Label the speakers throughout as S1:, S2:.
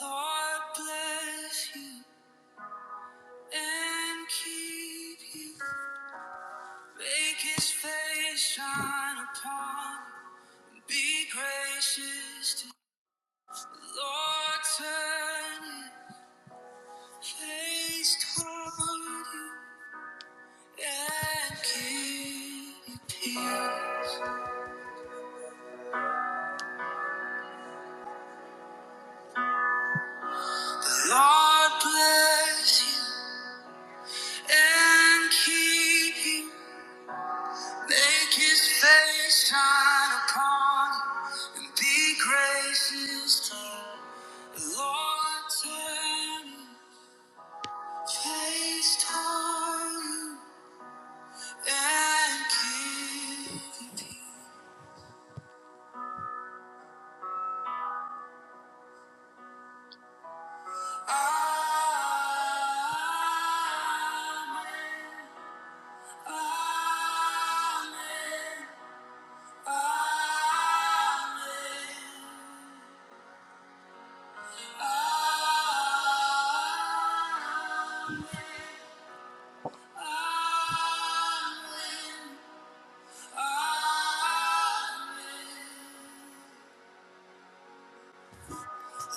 S1: God bless you and keep you. Make his face shine upon you. Be gracious to Lord, turn his face toward you and give you peace. Lord, bless you and keep you. Make his face shine upon you and be gracious to you. Lord, turn his face toward you and give you peace. Amen. Amen. Amen. Amen. Amen. Amen.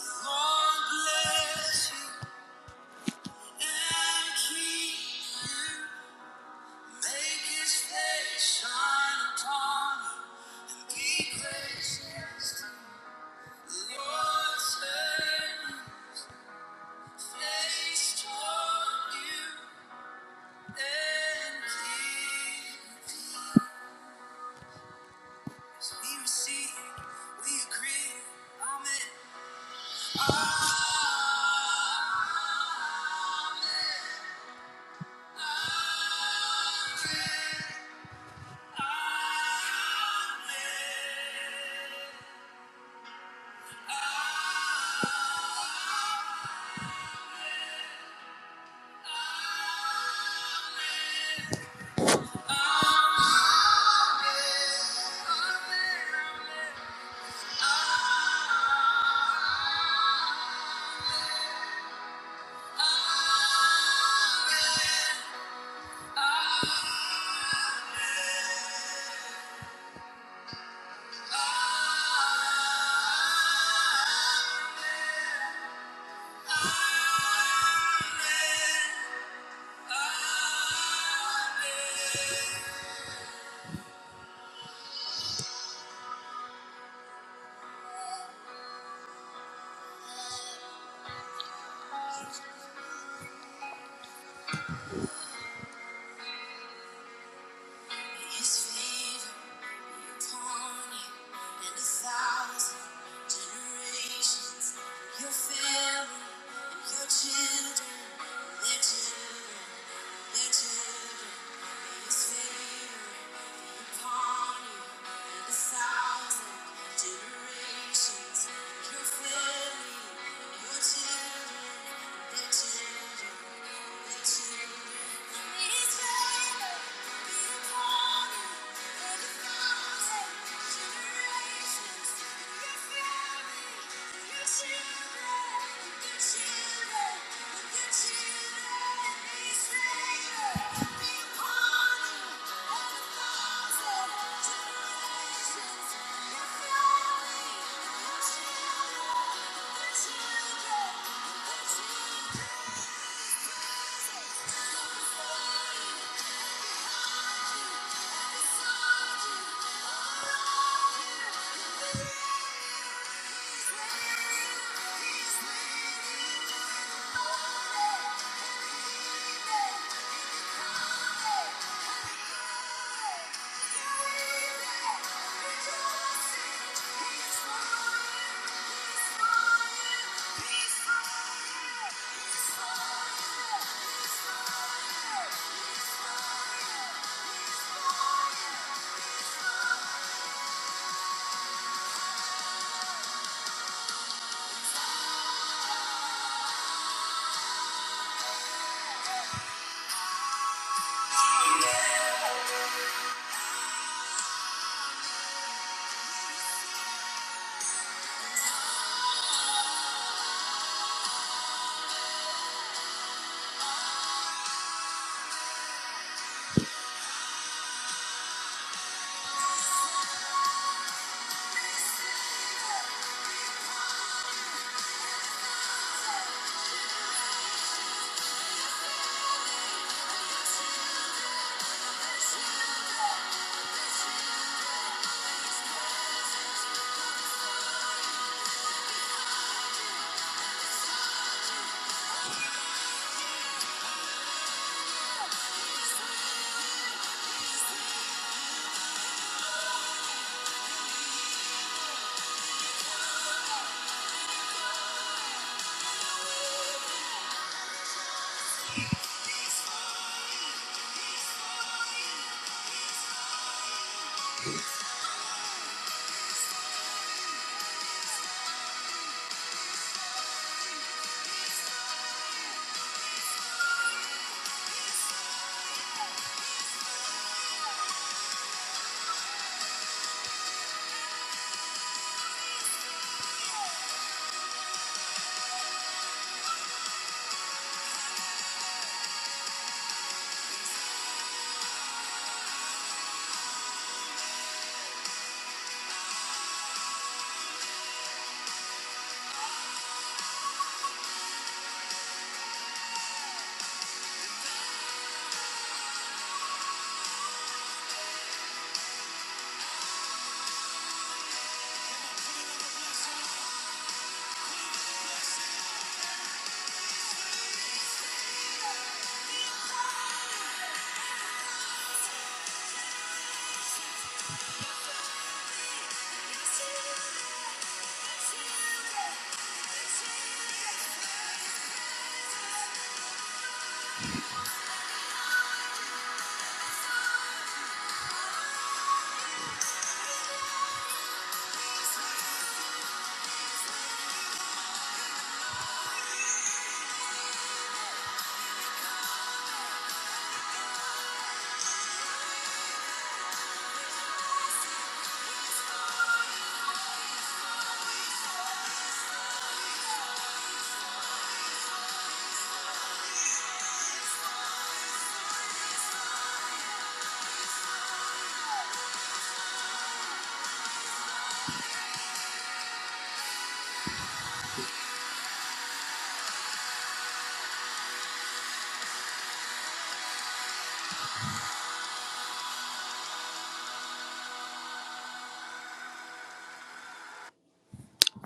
S1: Lord bless you and keep you. Make his face shine upon you and be gracious to you. Lord, turn his face toward you and give you peace. We receive, we agree. Amen. Amen.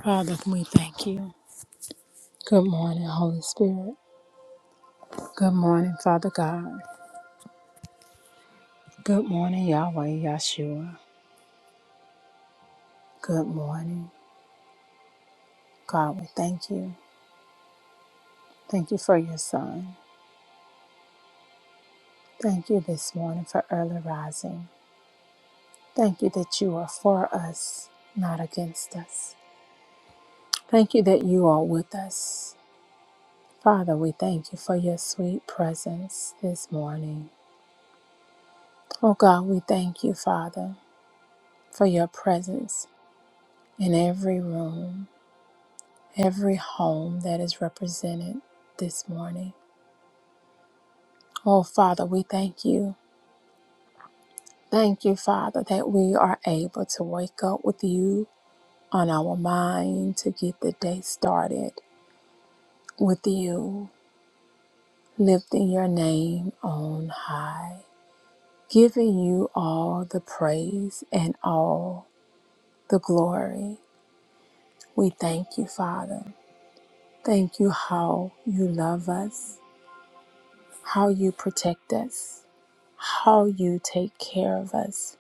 S1: Father, we thank you. Good morning, Holy Spirit. Good morning, Father God. Good morning, Yahweh Yahshua. Good morning, God. We thank you. Thank you for your son. Thank you this morning for early rising. Thank you that you are for us, not against us. Thank you that you are with us. Father, we thank you for your sweet presence this morning. Oh God, we thank you, Father, for your presence in every room, every home that is represented this morning. Oh Father, we thank you. Thank you, Father, that we are able to wake up with you on our mind to get the day started with you. lifting your name on high, giving you all the praise and all the glory. We thank you, Father. Thank you how you love us, how you protect us, how you take care of us,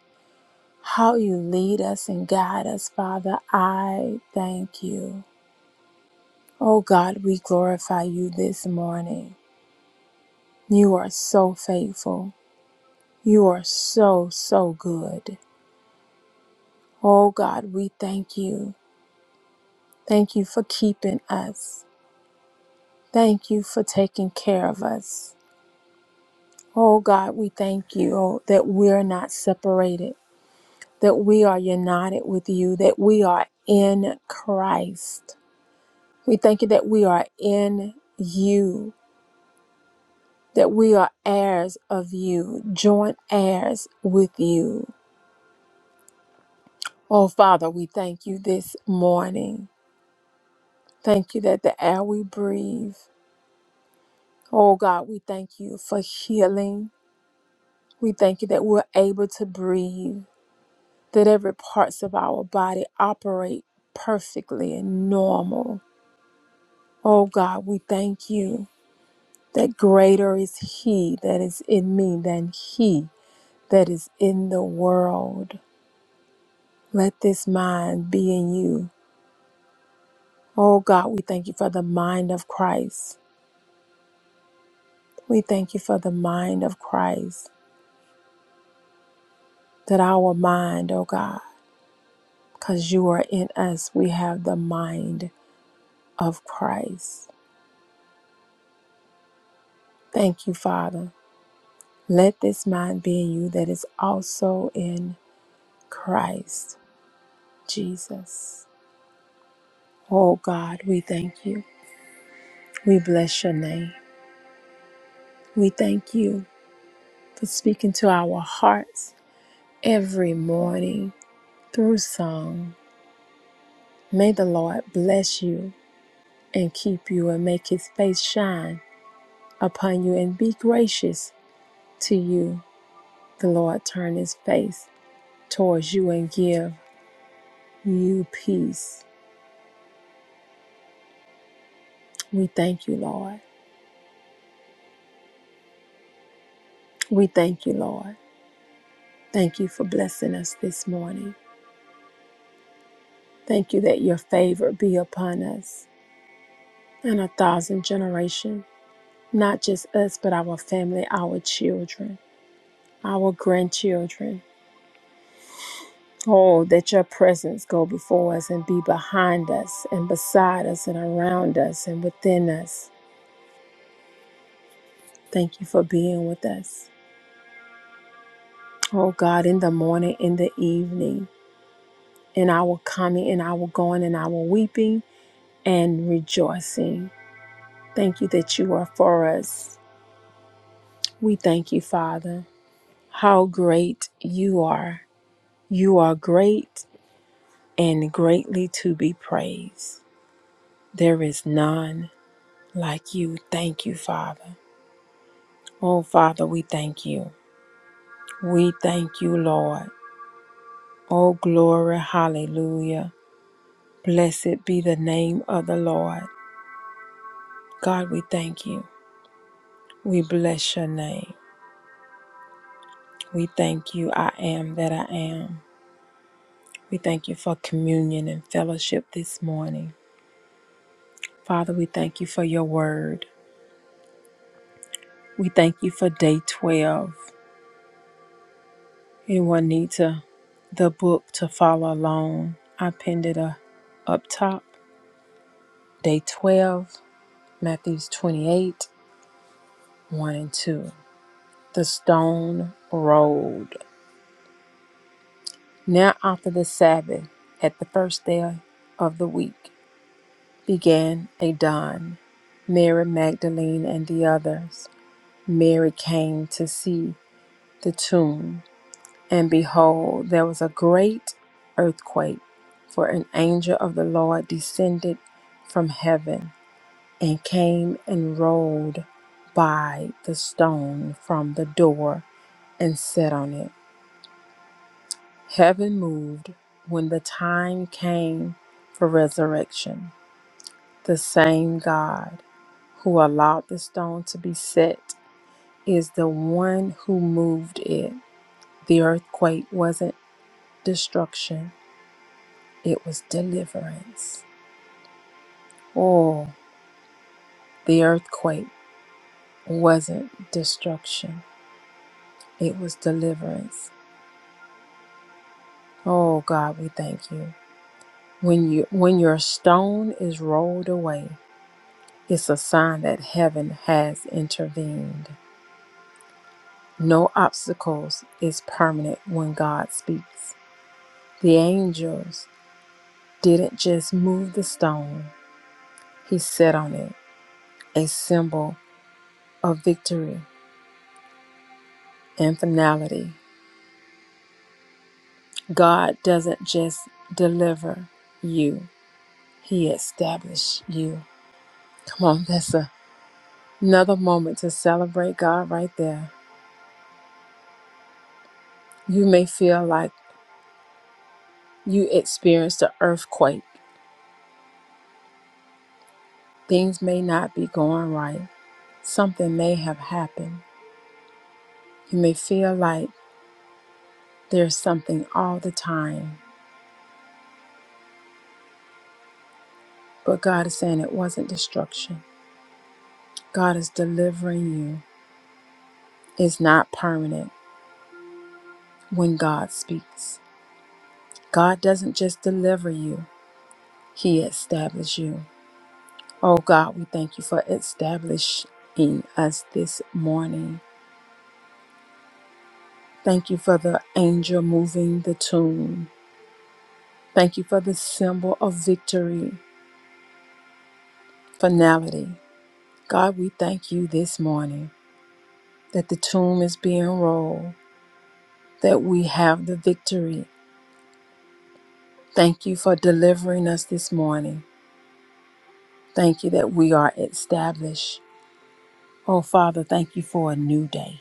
S1: how you lead us and guide us, Father. I thank you. Oh God, we glorify you this morning. You are so faithful. You are so, so good. Oh God, we thank you. Thank you for keeping us. Thank you for taking care of us. Oh God, we thank you oh, that we're not separated, that we are united with you, that we are in Christ. We thank you that we are in you, that we are heirs of you, joint heirs with you. Oh Father, we thank you this morning. Thank you that the air we breathe, Oh God, we thank you for healing. We thank you that we're able to breathe, that every parts of our body operate perfectly and normal. Oh God, we thank you that greater is he that is in me than he that is in the world. Let this mind be in you. Oh God, we thank you for the mind of Christ. We thank you for the mind of Christ, that our mind, oh God, because you are in us. We have the mind of Christ. Thank you, Father. Let this mind be in you that is also in Christ Jesus. Oh God, we thank you. We bless your name. We thank you for speaking to our hearts every morning through song. May the Lord bless you and keep you and make his face shine upon you and be gracious to you. The Lord turn his face towards you and give you peace. We thank you, Lord. We thank you, Lord. Thank you for blessing us this morning. Thank you that your favor be upon us and a thousand generations, not just us, but our family, our children, our grandchildren. Oh, that your presence go before us and be behind us and beside us and around us and within us. Thank you for being with us. Oh God, in the morning, in the evening, in our coming, in our going, in our weeping and rejoicing. Thank you that you are for us. We thank you, Father. How great you are. You are great and greatly to be praised. There is none like you. Thank you, Father. Oh, Father, we thank you. We thank you, Lord. Oh, glory. Hallelujah. Blessed be the name of the Lord. God, we thank you. We bless your name. We thank you, I am that I am. We thank you for communion and fellowship this morning. Father, we thank you for your word. We thank you for day 12. Anyone need to, the book to follow along? I pinned it uh, up top. Day 12, Matthews 28, 1 and 2. The stone rolled. Now, after the Sabbath, at the first day of the week, began a dawn. Mary Magdalene and the others. Mary came to see the tomb, and behold, there was a great earthquake, for an angel of the Lord descended from heaven and came and rolled by the stone from the door and sat on it. Heaven moved when the time came for resurrection. The same God. who allowed the stone to be set is the one who moved it. The earthquake wasn't destruction, it was deliverance. Oh, the earthquake wasn't destruction, it was deliverance. Oh God, we thank you. When you when your stone is rolled away, it's a sign that heaven has intervened. No obstacles is permanent when God speaks. The angels didn't just move the stone, he set on it a symbol of victory and finality. God doesn't just deliver you, he established you. Come on, that's a- another moment to celebrate God right there. You may feel like you experienced an earthquake. Things may not be going right. Something may have happened. You may feel like there's something all the time, but God is saying it wasn't destruction. God is delivering you is not permanent when God speaks. God doesn't just deliver you, He establishes you. Oh God, we thank you for establishing us this morning. Thank you for the angel moving the tomb. Thank you for the symbol of victory, finality. God, we thank you this morning that the tomb is being rolled, that we have the victory. Thank you for delivering us this morning. Thank you that we are established. Oh, Father, thank you for a new day.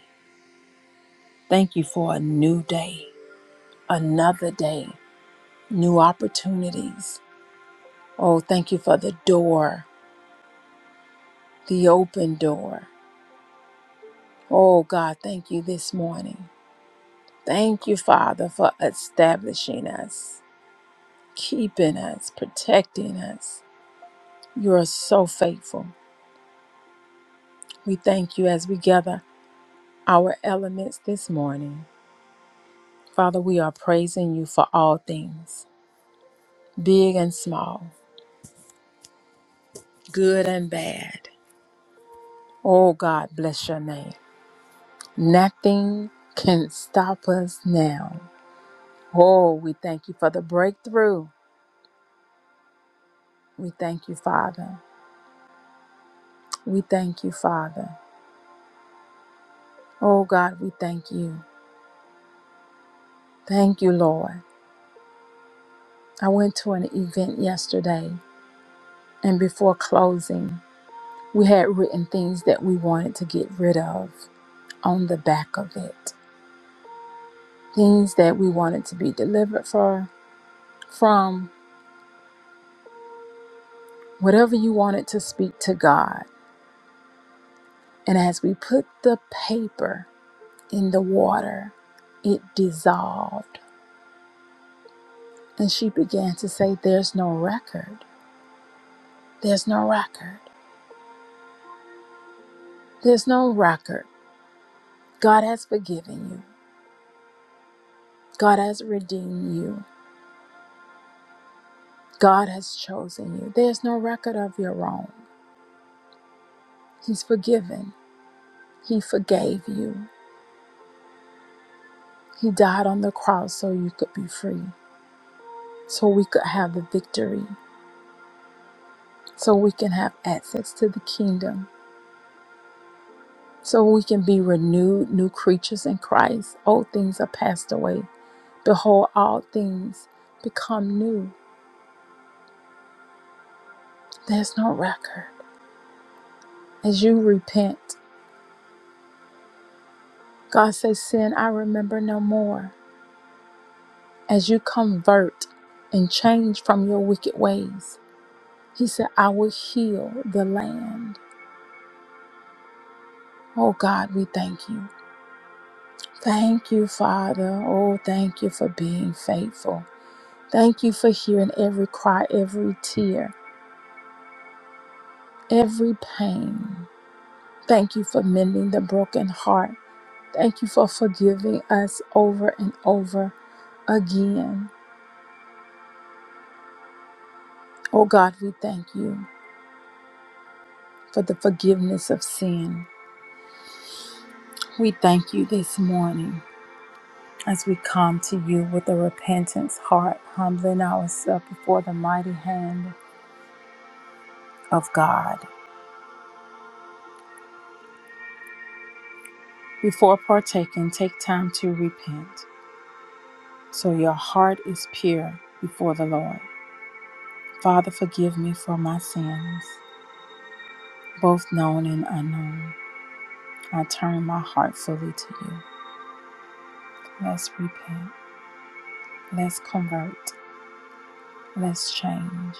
S1: Thank you for a new day, another day, new opportunities. Oh, thank you for the door, the open door. Oh, God, thank you this morning. Thank you, Father, for establishing us, keeping us, protecting us. You are so faithful. We thank you as we gather our elements this morning. Father, we are praising you for all things. big and small, good and bad. Oh God, bless your name. Nothing can stop us now. Oh, we thank you for the breakthrough. We thank you, Father. We thank you, Father. Oh God, we thank you. Thank you, Lord. I went to an event yesterday, and before closing, we had written things that we wanted to get rid of on the back of it. Things that we wanted to be delivered for, from, whatever you wanted to speak to God. And as we put the paper in the water, it dissolved. And she began to say, There's no record. There's no record. There's no record. God has forgiven you. God has redeemed you. God has chosen you. There's no record of your wrong. He's forgiven. He forgave you. He died on the cross so you could be free, so we could have the victory, so we can have access to the kingdom so we can be renewed new creatures in Christ. Old things are passed away. Behold, all things become new. There's no record. As you repent, God says, Sin I remember no more. As you convert and change from your wicked ways, He said, I will heal the land. Oh God, we thank you. Thank you, Father. Oh, thank you for being faithful. Thank you for hearing every cry, every tear, every pain. Thank you for mending the broken heart. Thank you for forgiving us over and over again. Oh God, we thank you for the forgiveness of sin. We thank you this morning as we come to you with a repentance heart, humbling ourselves before the mighty hand of God. Before partaking, take time to repent so your heart is pure before the Lord. Father, forgive me for my sins, both known and unknown. I turn my heart fully to you. Let's repent. Let's convert. Let's change.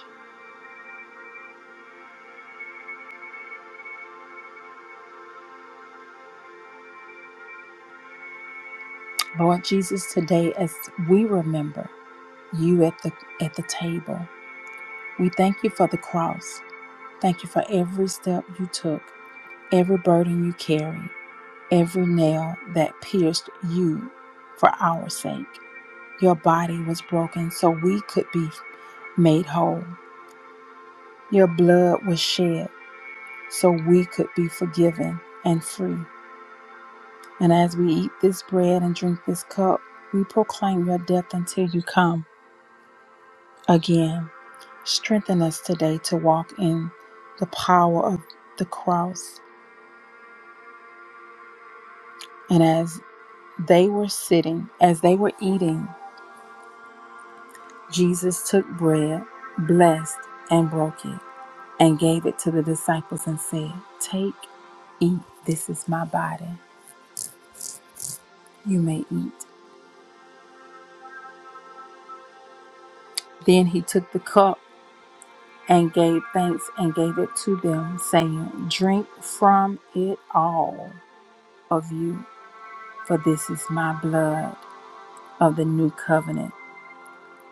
S1: Lord Jesus, today as we remember you at the at the table, we thank you for the cross. Thank you for every step you took, every burden you carried, every nail that pierced you for our sake. Your body was broken so we could be made whole. Your blood was shed so we could be forgiven and free. And as we eat this bread and drink this cup, we proclaim your death until you come again. Strengthen us today to walk in the power of the cross. And as they were sitting, as they were eating, Jesus took bread, blessed, and broke it, and gave it to the disciples and said, Take, eat, this is my body. You may eat. Then he took the cup and gave thanks and gave it to them, saying, Drink from it all of you, for this is my blood of the new covenant,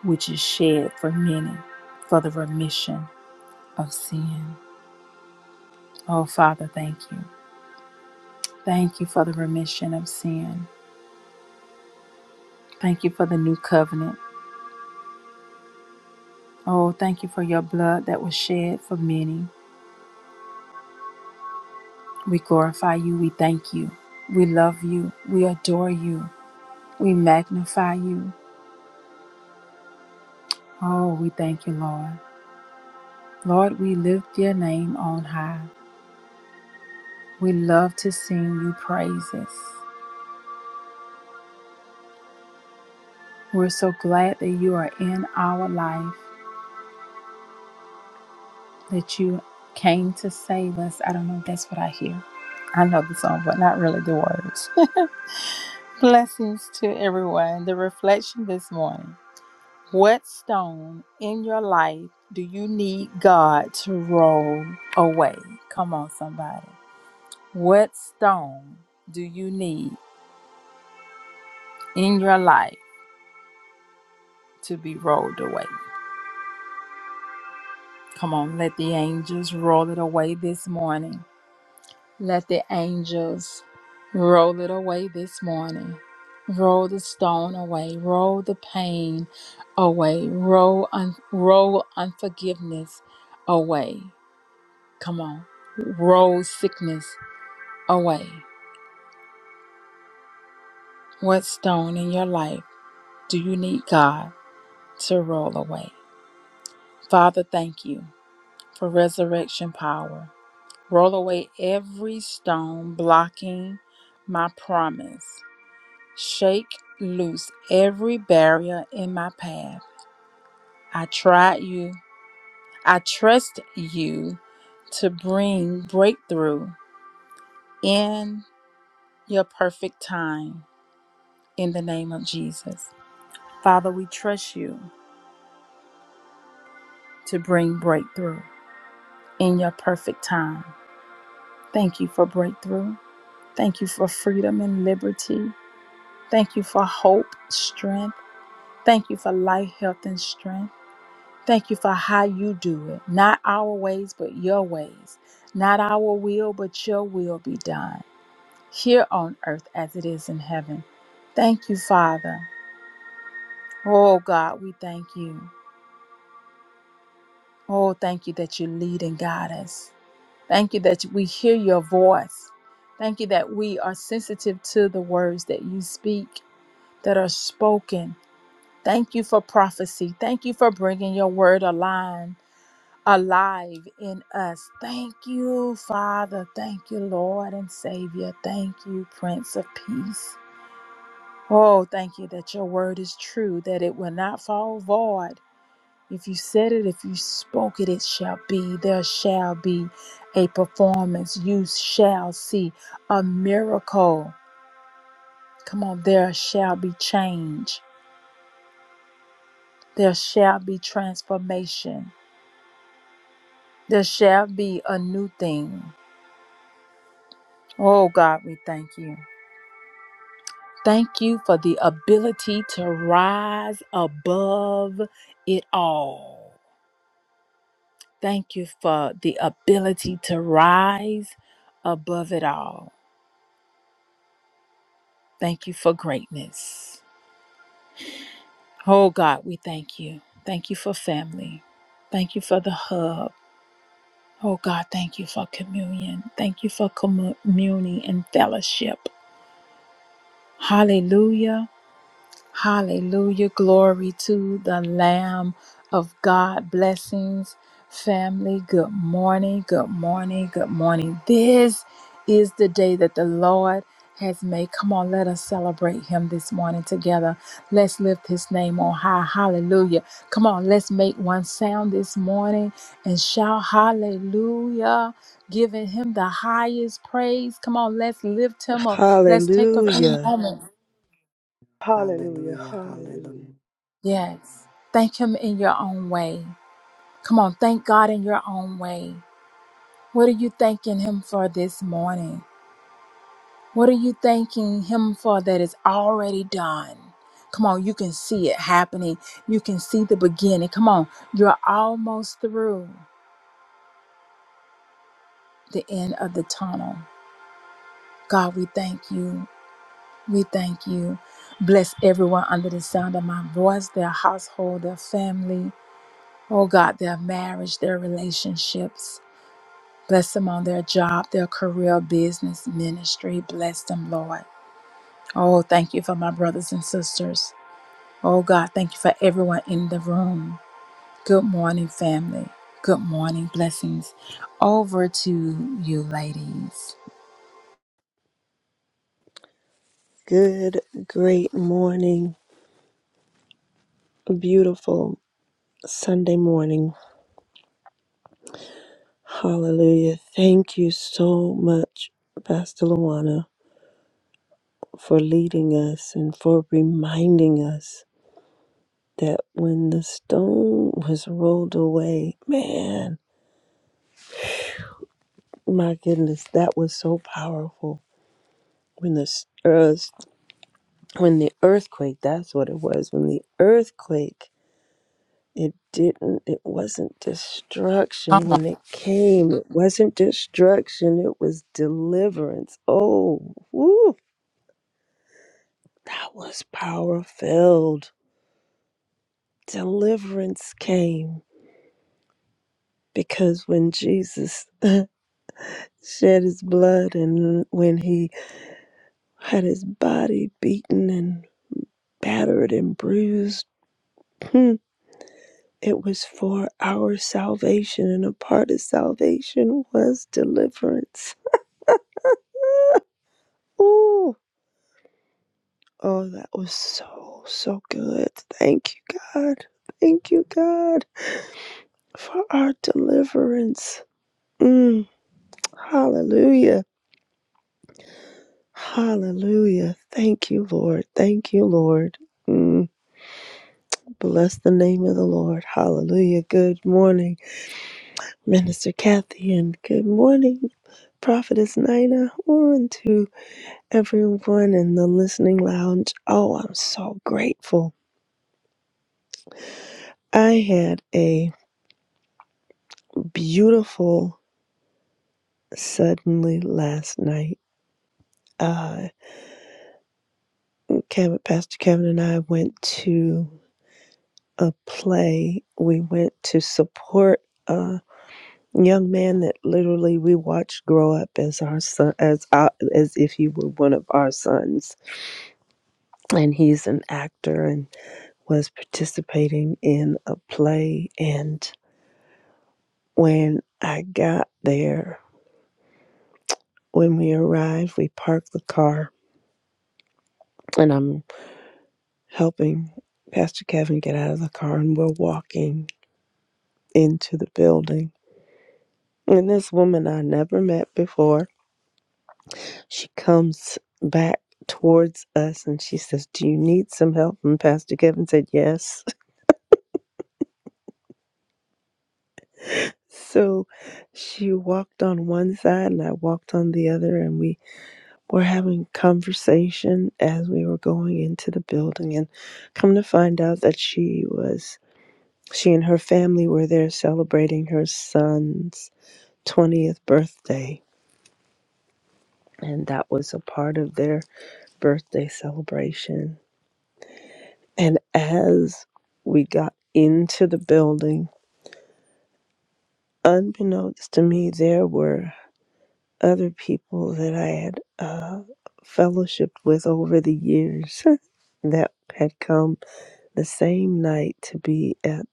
S1: which is shed for many for the remission of sin. Oh, Father, thank you. Thank you for the remission of sin. Thank you for the new covenant. Oh, thank you for your blood that was shed for many. We glorify you. We thank you. We love you. We adore you. We magnify you. Oh, we thank you, Lord. Lord, we lift your name on high. We love to sing you praises. We're so glad that you are in our life, that you came to save us. I don't know if that's what I hear. I know the song, but not really the words. Blessings to everyone. The reflection this morning. What stone in your life do you need God to roll away? Come on, somebody. What stone do you need? in your life to be rolled away. Come on, let the angels roll it away this morning. Let the angels roll it away this morning. Roll the stone away, roll the pain away, roll un- roll unforgiveness away. Come on. Roll sickness away. What stone in your life do you need God to roll away? Father, thank you for resurrection power. Roll away every stone blocking my promise. Shake loose every barrier in my path. I tried you. I trust you to bring breakthrough in your perfect time in the name of Jesus. Father, we trust you to bring breakthrough in your perfect time. Thank you for breakthrough. Thank you for freedom and liberty. Thank you for hope, strength Thank you for life, health, and strength. Thank you for how you do it. Not our ways, but your ways. Not our will, but your will be done here on earth as it is in heaven. Thank you, Father. Oh, God, we thank you. Oh, thank you that you lead and guide us. Thank you that we hear your voice. Thank you that we are sensitive to the words that you speak, that are spoken. Thank you for prophecy. Thank you for bringing your word alive. alive in us. Thank you, Father. Thank you, Lord and Savior. Thank you, Prince of Peace. Oh, thank you that your word is true, that it will not fall void. If you said it, if you spoke it, it shall be. There shall be a performance. You shall see a miracle. Come on, there shall be change. There shall be transformation. There shall be a new thing. Oh, God, we thank you. Thank you for the ability to rise above it all. Thank you for the ability to rise above it all. Thank you for greatness. Oh God, we thank you. Thank you for family. Thank you for the hub. Oh God, thank you for communion. Thank you for commu- communing and fellowship. Hallelujah. Hallelujah. Glory to the Lamb of God. Blessings, family. Good morning. Good morning. Good morning. This is the day that the Lord has made. Come on, let us celebrate Him this morning together. Let's lift His name on high. Hallelujah. Come on, let's make one sound this morning and shout hallelujah. Giving him the highest praise. Come on, let's lift him up. Let's take a few
S2: Hallelujah.
S1: moments
S3: Hallelujah.
S4: Hallelujah,
S3: Hallelujah.
S4: hallelujah.
S1: Yes. Thank Him in your own way. Come on, thank God in your own way. What are you thanking Him for this morning? What are you thanking Him for that is already done? Come on, you can see it happening. You can see the beginning. Come on, you're almost through the end of the tunnel. God, we thank you. We thank you. Bless everyone under the sound of my voice, their household, their family. Oh God, their marriage, their relationships. Bless them on their job, their career, business, ministry. Bless them, Lord. Oh, thank you for my brothers and sisters. Oh, God, thank you for everyone in the room. Good morning, family. Good morning. Blessings over to you, ladies.
S2: Good, great morning. Beautiful Sunday morning. Hallelujah. Thank you so much, Pastor Luana, for leading us and for reminding us that when the stone was rolled away, man, my goodness, that was so powerful. When the s- earth, when the earthquake, that's what it was, when the earthquake It didn't, it wasn't destruction when it came. It wasn't destruction, it was deliverance. Oh, woo, that was power filled. Deliverance came because when Jesus shed his blood and when he had his body beaten and battered and bruised, hmm, it was for our salvation, and a part of salvation was deliverance. Ooh Oh, that was so, so good. Thank you, God. Thank you, God, for our deliverance. Mm, hallelujah. Hallelujah. Thank you, Lord. Thank you, Lord. Mm, bless the name of the Lord. Hallelujah. Good morning, Minister Kathy, and good morning, Prophetess Nina, Oh, and to everyone in the listening lounge. Oh, I'm so grateful. I had a beautiful suddenly last night. Uh, Kevin, Pastor Kevin and I went to a play. We went to support a young man that literally we watched grow up as our son, as our, as if he were one of our sons. And he's an actor and was participating in a play. And when I got there, when we arrived, we parked the car, and I'm helping Pastor Kevin get out of the car, and we're walking into the building. And this woman I never met before, she comes back towards us and she says, Do you need some help? And Pastor Kevin said, Yes. So she walked on one side and I walked on the other, and we were having conversation as we were going into the building. And come to find out that she was, she and her family were there celebrating her son's 20th birthday, and that was a part of their birthday celebration. And as we got into the building, unbeknownst to me, there were other people that I had uh, fellowshipped with over the years that had come the same night to be at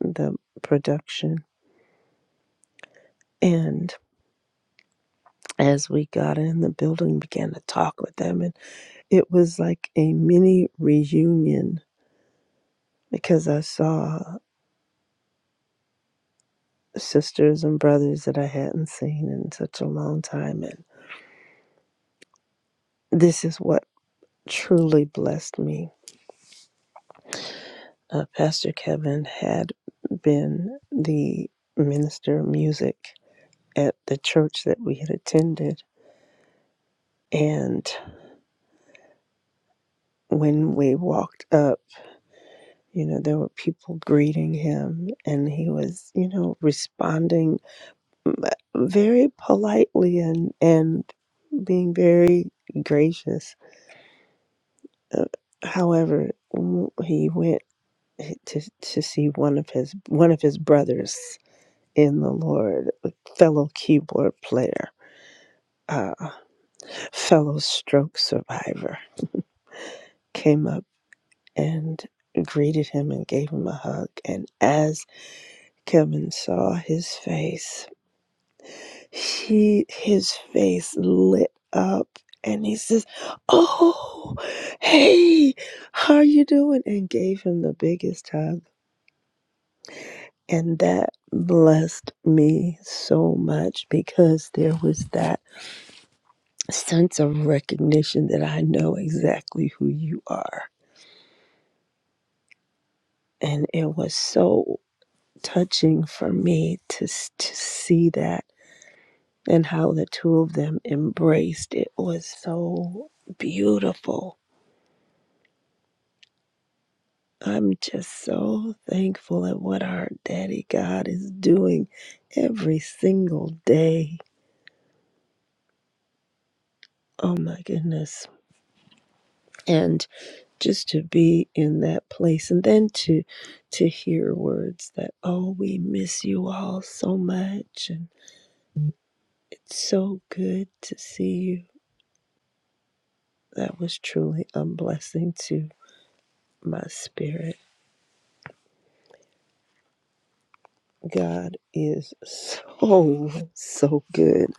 S2: the production. And as we got in the building, began to talk with them, and it was like a mini reunion because I saw sisters and brothers that I hadn't seen in such a long time. And this is what truly blessed me. Uh, Pastor Kevin had been the minister of music at the church that we had attended. And when we walked up, you know, there were people greeting him, and he was, you know, responding mm, uh, very politely and, and being very gracious Uh, however, he went to to see one of his one of his brothers in the Lord, a fellow keyboard player, uh, fellow stroke survivor, came up and greeted him and gave him a hug. And as Kevin saw his face, he his face lit up. And he says, "Oh, hey, how are you doing?" And gave him the biggest hug And that blessed me so much because there was that sense of recognition that I know exactly who you are. And it was so touching for me to, to see that and how the two of them embraced. It was so beautiful. I'm just so thankful at what our daddy God is doing every single day. Oh my goodness. And just to be in that place and then to to hear words that oh we miss you all so much and it's so good to see you that was truly a blessing to my spirit god is so so good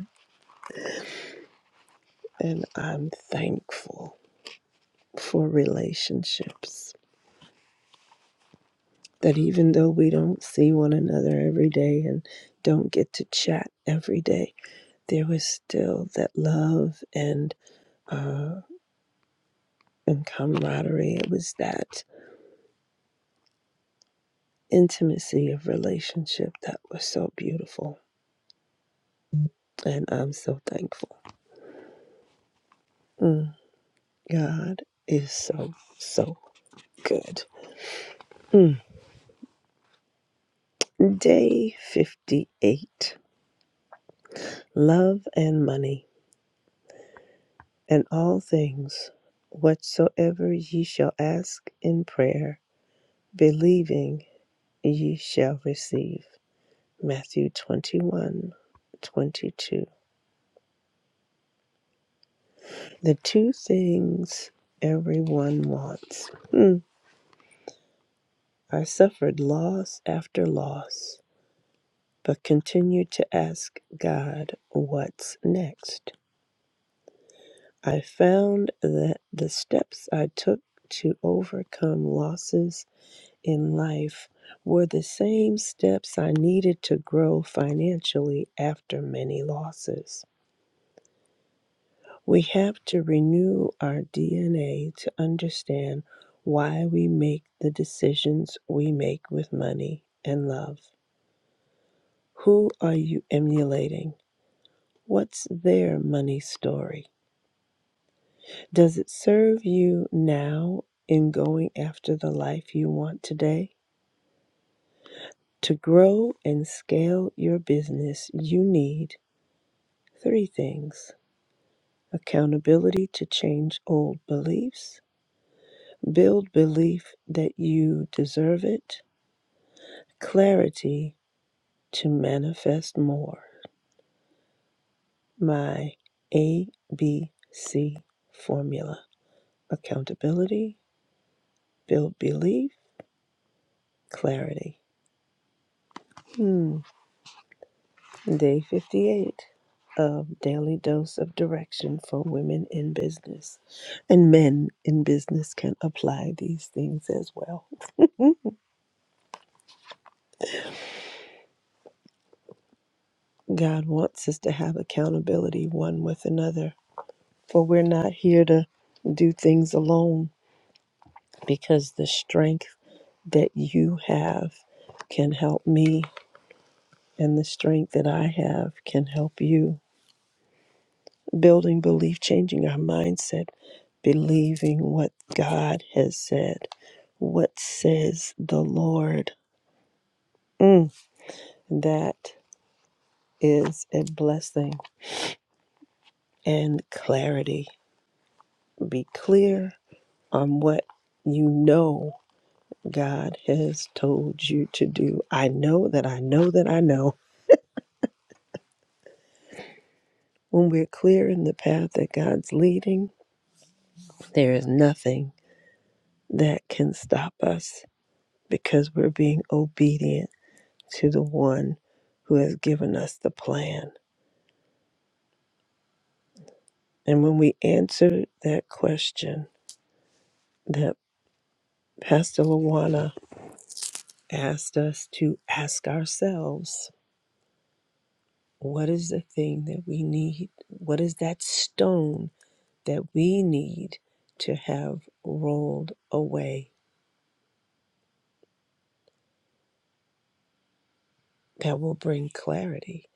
S2: and i'm thankful for relationships that even though we don't see one another every day and don't get to chat every day there was still that love and uh, and camaraderie. It was that intimacy of relationship that was so beautiful. And I'm so thankful. Mm, God is so, so good. Mm. Day 58 Love and Money, and all things whatsoever ye shall ask in prayer, believing ye shall receive. Matthew 21, 22. The two things everyone wants. Hmm. I suffered loss after loss, but continued to ask God, what's next? I found that the steps I took to overcome losses in life were the same steps I needed to grow financially after many losses. We have to renew our DNA to understand why we make the decisions we make with money and love. Who are you emulating? What's their money story? Does it serve you now in going after the life you want today? To grow and scale your business, you need three things accountability to change old beliefs Build belief that you deserve it, clarity to manifest more. My ABC formula accountability, build belief, clarity. Hmm. Day 58 of Daily Dose of Direction for Women in Business. And men in business can apply these things as well. God wants us to have accountability one with another For we're not here to do things alone because the strength that you have can help me, and the strength that I have can help you. Building belief, changing our mindset, believing what God has said. What says the Lord? Mm, that is a blessing and clarity. Be clear on what you know God has told you to do. I know that I know that I know. When we're clear in the path that God's leading, there is nothing that can stop us because we're being obedient to the one who has given us the plan. And when we answer that question that Pastor Lawana asked us to ask ourselves, what is the thing that we need? What is that stone that we need to have rolled away that will bring clarity?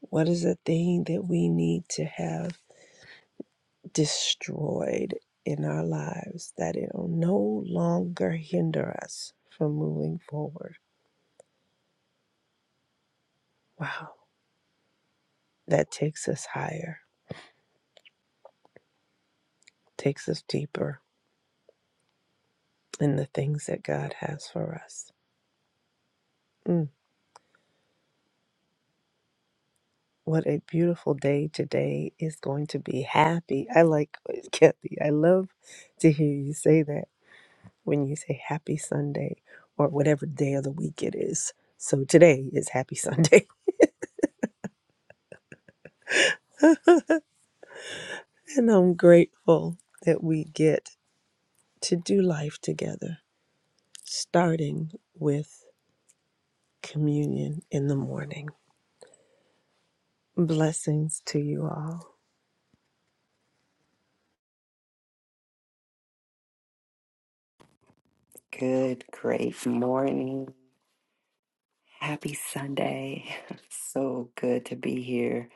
S2: What is the thing that we need to have destroyed in our lives that it will no longer hinder us from moving forward? Wow, that takes us higher, takes us deeper in the things that God has for us. Mm what a beautiful day today is going to be happy. I like Kathy. I love to hear you say that when you say happy Sunday or whatever day of the week it is. So today is happy Sunday. And I'm grateful that we get to do life together, starting with communion in the morning. Blessings to you all.
S4: Good, great morning. Happy Sunday. So good to be here.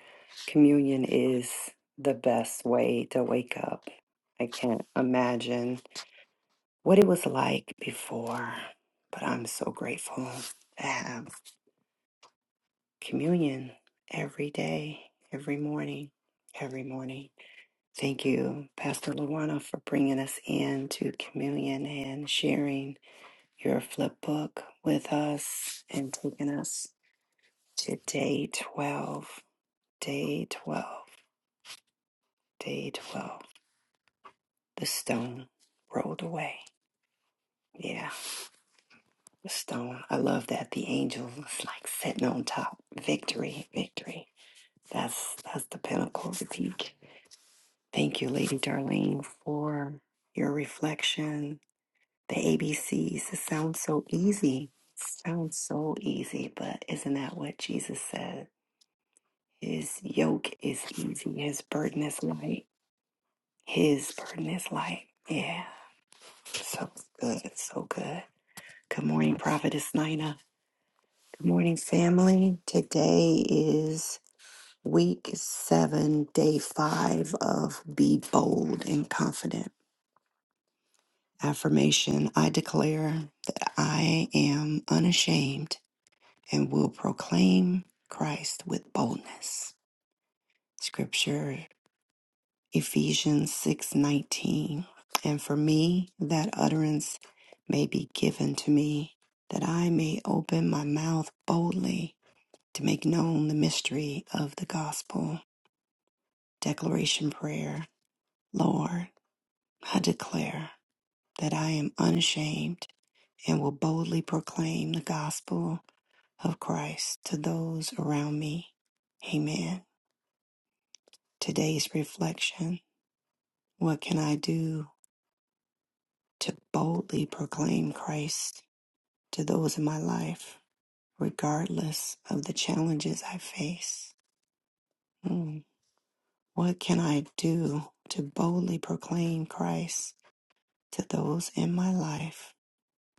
S4: Communion is the best way to wake up. I can't imagine what it was like before, but I'm so grateful to have communion every day, every morning, every morning. Thank you, Pastor Luana, for bringing us in to communion and sharing. your flip book with us and taking us to day 12. Day 12. Day 12. The stone rolled away. Yeah, the stone. I love that. The angel was like sitting on top. Victory, victory. That's that's the pinnacle of the peak. Thank you, Lady Darlene, for your reflection. The ABCs. It sounds so easy. Sounds so easy, but isn't that what Jesus said? His yoke is easy, his burden is light. His burden is light. Yeah, so good, so good. Good morning, Prophetess Nina. Good morning, family. Today is week seven, day five of Be Bold and Confident. Affirmation I declare that I am unashamed and will proclaim Christ with boldness. Scripture Ephesians 6:19. And for me that utterance may be given to me that I may open my mouth boldly to make known the mystery of the gospel. Declaration prayer. Lord, I declare that I am unashamed and will boldly proclaim the gospel of Christ to those around me. Amen. Today's reflection. What can I do to boldly proclaim Christ to those in my life, regardless of the challenges I face. Hmm. What can I do to boldly proclaim Christ to those in my life,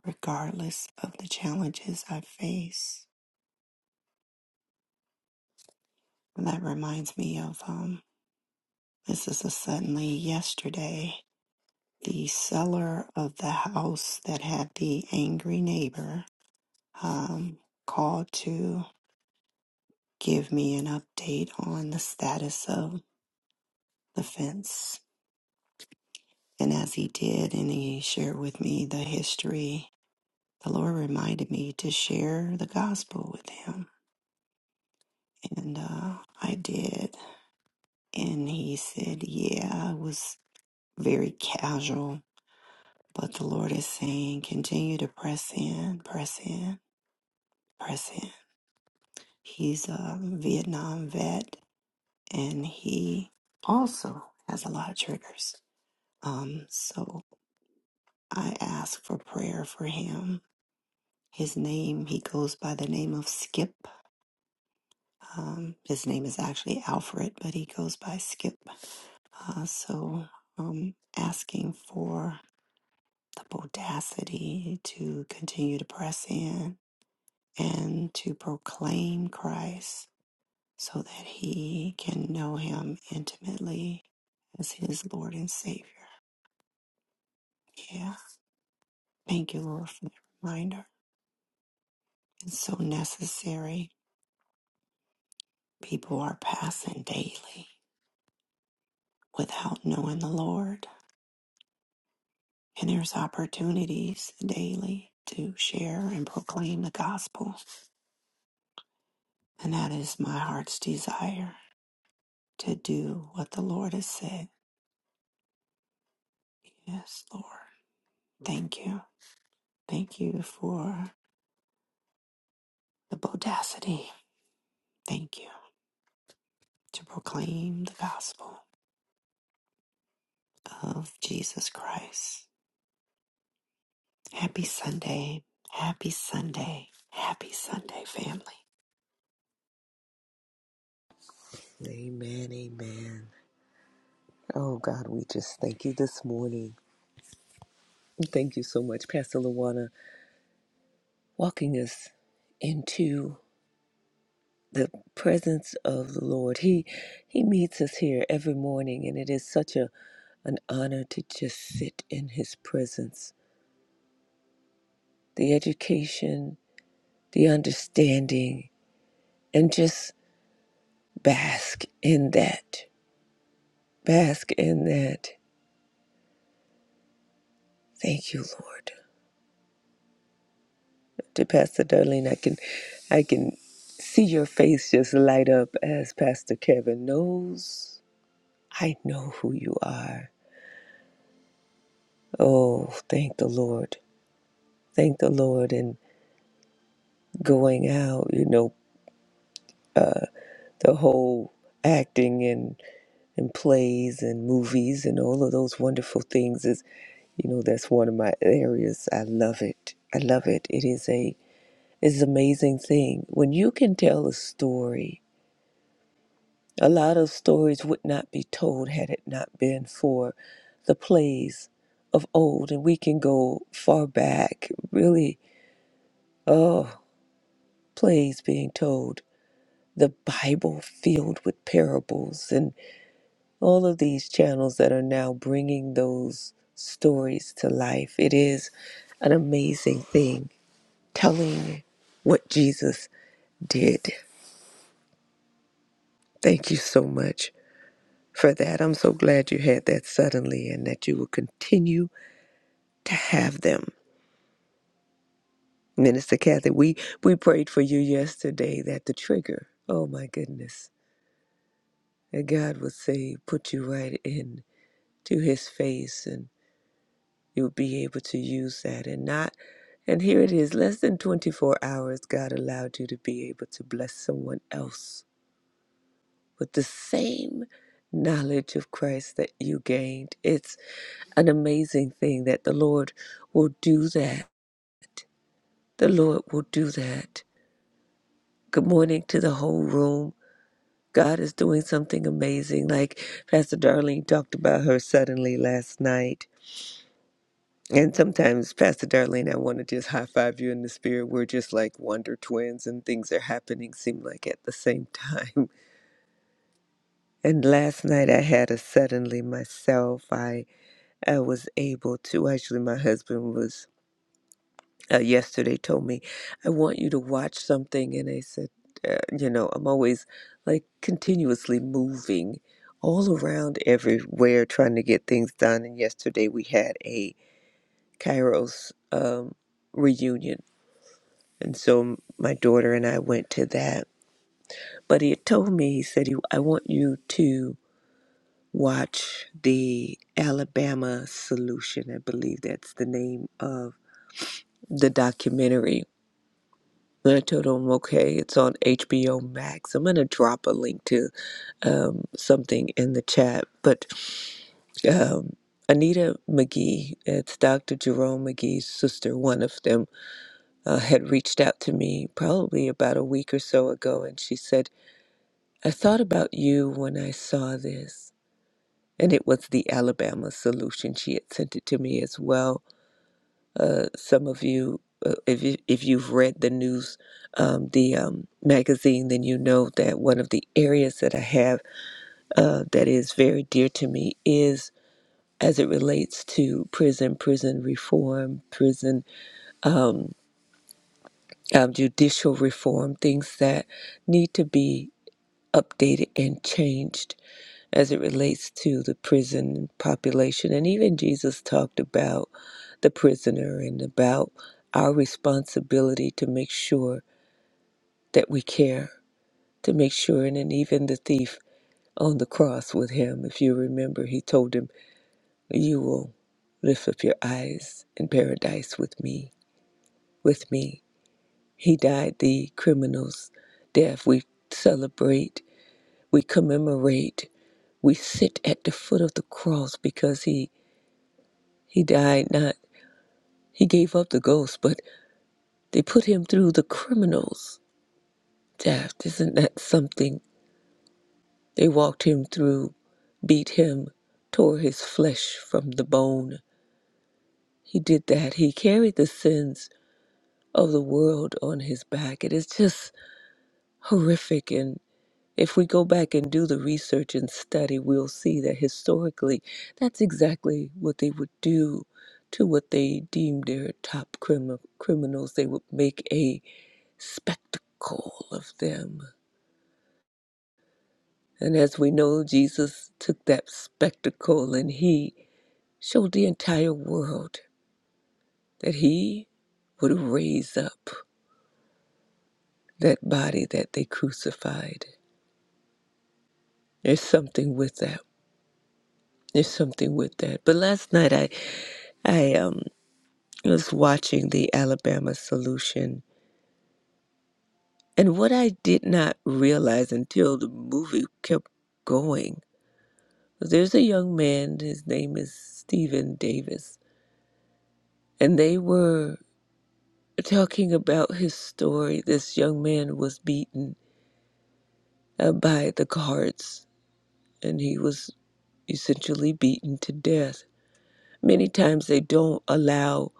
S4: regardless of the challenges I face? And that reminds me of um, this is a suddenly yesterday. The seller of the house that had the angry neighbor um, called to give me an update on the status of the fence And as he did, and he shared with me the history, the Lord reminded me to share the gospel with him. And uh, I did. And he said, Yeah, it was very casual. But the Lord is saying, continue to press in, press in, press in. He's a Vietnam vet, and he also has a lot of triggers. Um, so I asked for prayer for him His name, he goes by the name of Skip. Um, his name is actually Alfred, but he goes by Skip. Uh, so um, asking for the audacity to continue to press in and to proclaim Christ so that he can know him intimately as his Lord and Savior. Yeah. Thank you, Lord, for the reminder. It's so necessary. People are passing daily. without knowing the Lord. And there's opportunities daily to share and proclaim the gospel. And that is my heart's desire to do what the Lord has said. Yes, Lord. Thank you. Thank you for the bodacity. Thank you to proclaim the gospel of Jesus Christ. Happy Sunday. Happy Sunday. Happy Sunday, family.
S3: Amen, amen. Oh God, we just thank you this morning. Thank you so much, Pastor Luana, walking us into the presence of the Lord. He He meets us here every morning, and it is such a an honor to just sit in His presence. The education, the understanding, and just bask in that. Bask in that. Thank you, Lord. to Pastor Darlene. I can, I can see your face just light up as Pastor Kevin knows. I know who you are. Oh, thank the Lord. Thank the Lord. And going out, you know, the whole acting and and plays and movies and all of those wonderful things is you know that's one of my areas i love it i love it it is a it's an amazing thing when you can tell a story A lot of stories would not be told had it not been for the plays of old, and we can go far back, really, oh, plays being told. The Bible filled with parables, and all of these channels that are now bringing those stories to life. It is an amazing thing telling what Jesus did. Thank you so much for that. I'm so glad you had that suddenly and that you will continue to have them. Minister Kathy, we, we prayed for you yesterday that the trigger, oh my goodness, that God would say, put you right in to his face and you'll be able to use that and not and here it is, less than 24 hours, God allowed you to be able to bless someone else with the same knowledge of Christ that you gained. It's an amazing thing that the Lord will do that. The Lord will do that. Good morning to the whole room. God is doing something amazing. Like Pastor Darlene talked about her suddenly last night. And sometimes, Pastor Darlene, I want to just high five you in the spirit. We're just like wonder twins, and things are happening, seem like at the same time. And last night, I had a suddenly myself. I, I was able to, actually, my husband was uh, yesterday told me, I want you to watch something. And I said, uh, you know, I'm always like continuously moving all around everywhere trying to get things done. And yesterday we had a Kairos um, reunion. And so my daughter and I went to that. But he had told me, he said, "You- I want you to watch the Alabama Solution. I believe that's the name of the documentary The Toto Moke. It's on HBO Max. I'm gonna drop a link to um, something in the chat, but um, Anita McGee, it's Dr. Jerome McGee's sister, one of them, uh, had reached out to me probably about a week or so ago, and she said, I thought about you when I saw this. And it was the Alabama solution. She had sent it to me as well Uh, some of you, uh, if you, if you've read the news, um, the um, magazine, then you know that one of the areas that I have uh, that is very dear to me is as it relates to prison, prison reform, prison um, um, judicial reform, things that need to be updated and changed as it relates to the prison population. And even Jesus talked about the prisoner and about our responsibility to make sure that we care, to make sure. And then even the thief on the cross with him, if you remember, he told him, You will lift up your eyes in paradise with me, with me. He died the criminal's death. We celebrate, we commemorate, we sit at the foot of the cross because he He died not, he gave up the ghost, but they put him through the criminal's death. Isn't that something? They walked him through, beat him, tore his flesh from the bone. He did that. He carried the sins of the world on his back. It is just horrific. and. If we go back and do the research and study, we'll see that historically, that's exactly what they would do to what they deemed their top crimi- criminals. They would make a spectacle of them. And as we know, Jesus took that spectacle and he showed the entire world that he would raise up that body that they crucified. There's something with that. There's something with that. But last night I I um. was watching the Alabama Solution. And what I did not realize until the movie kept going there's a young man, his name is Stephen Davis, and they were talking about his story. This young man was beaten uh, by the guards, and he was essentially beaten to death. Many times they don't allow,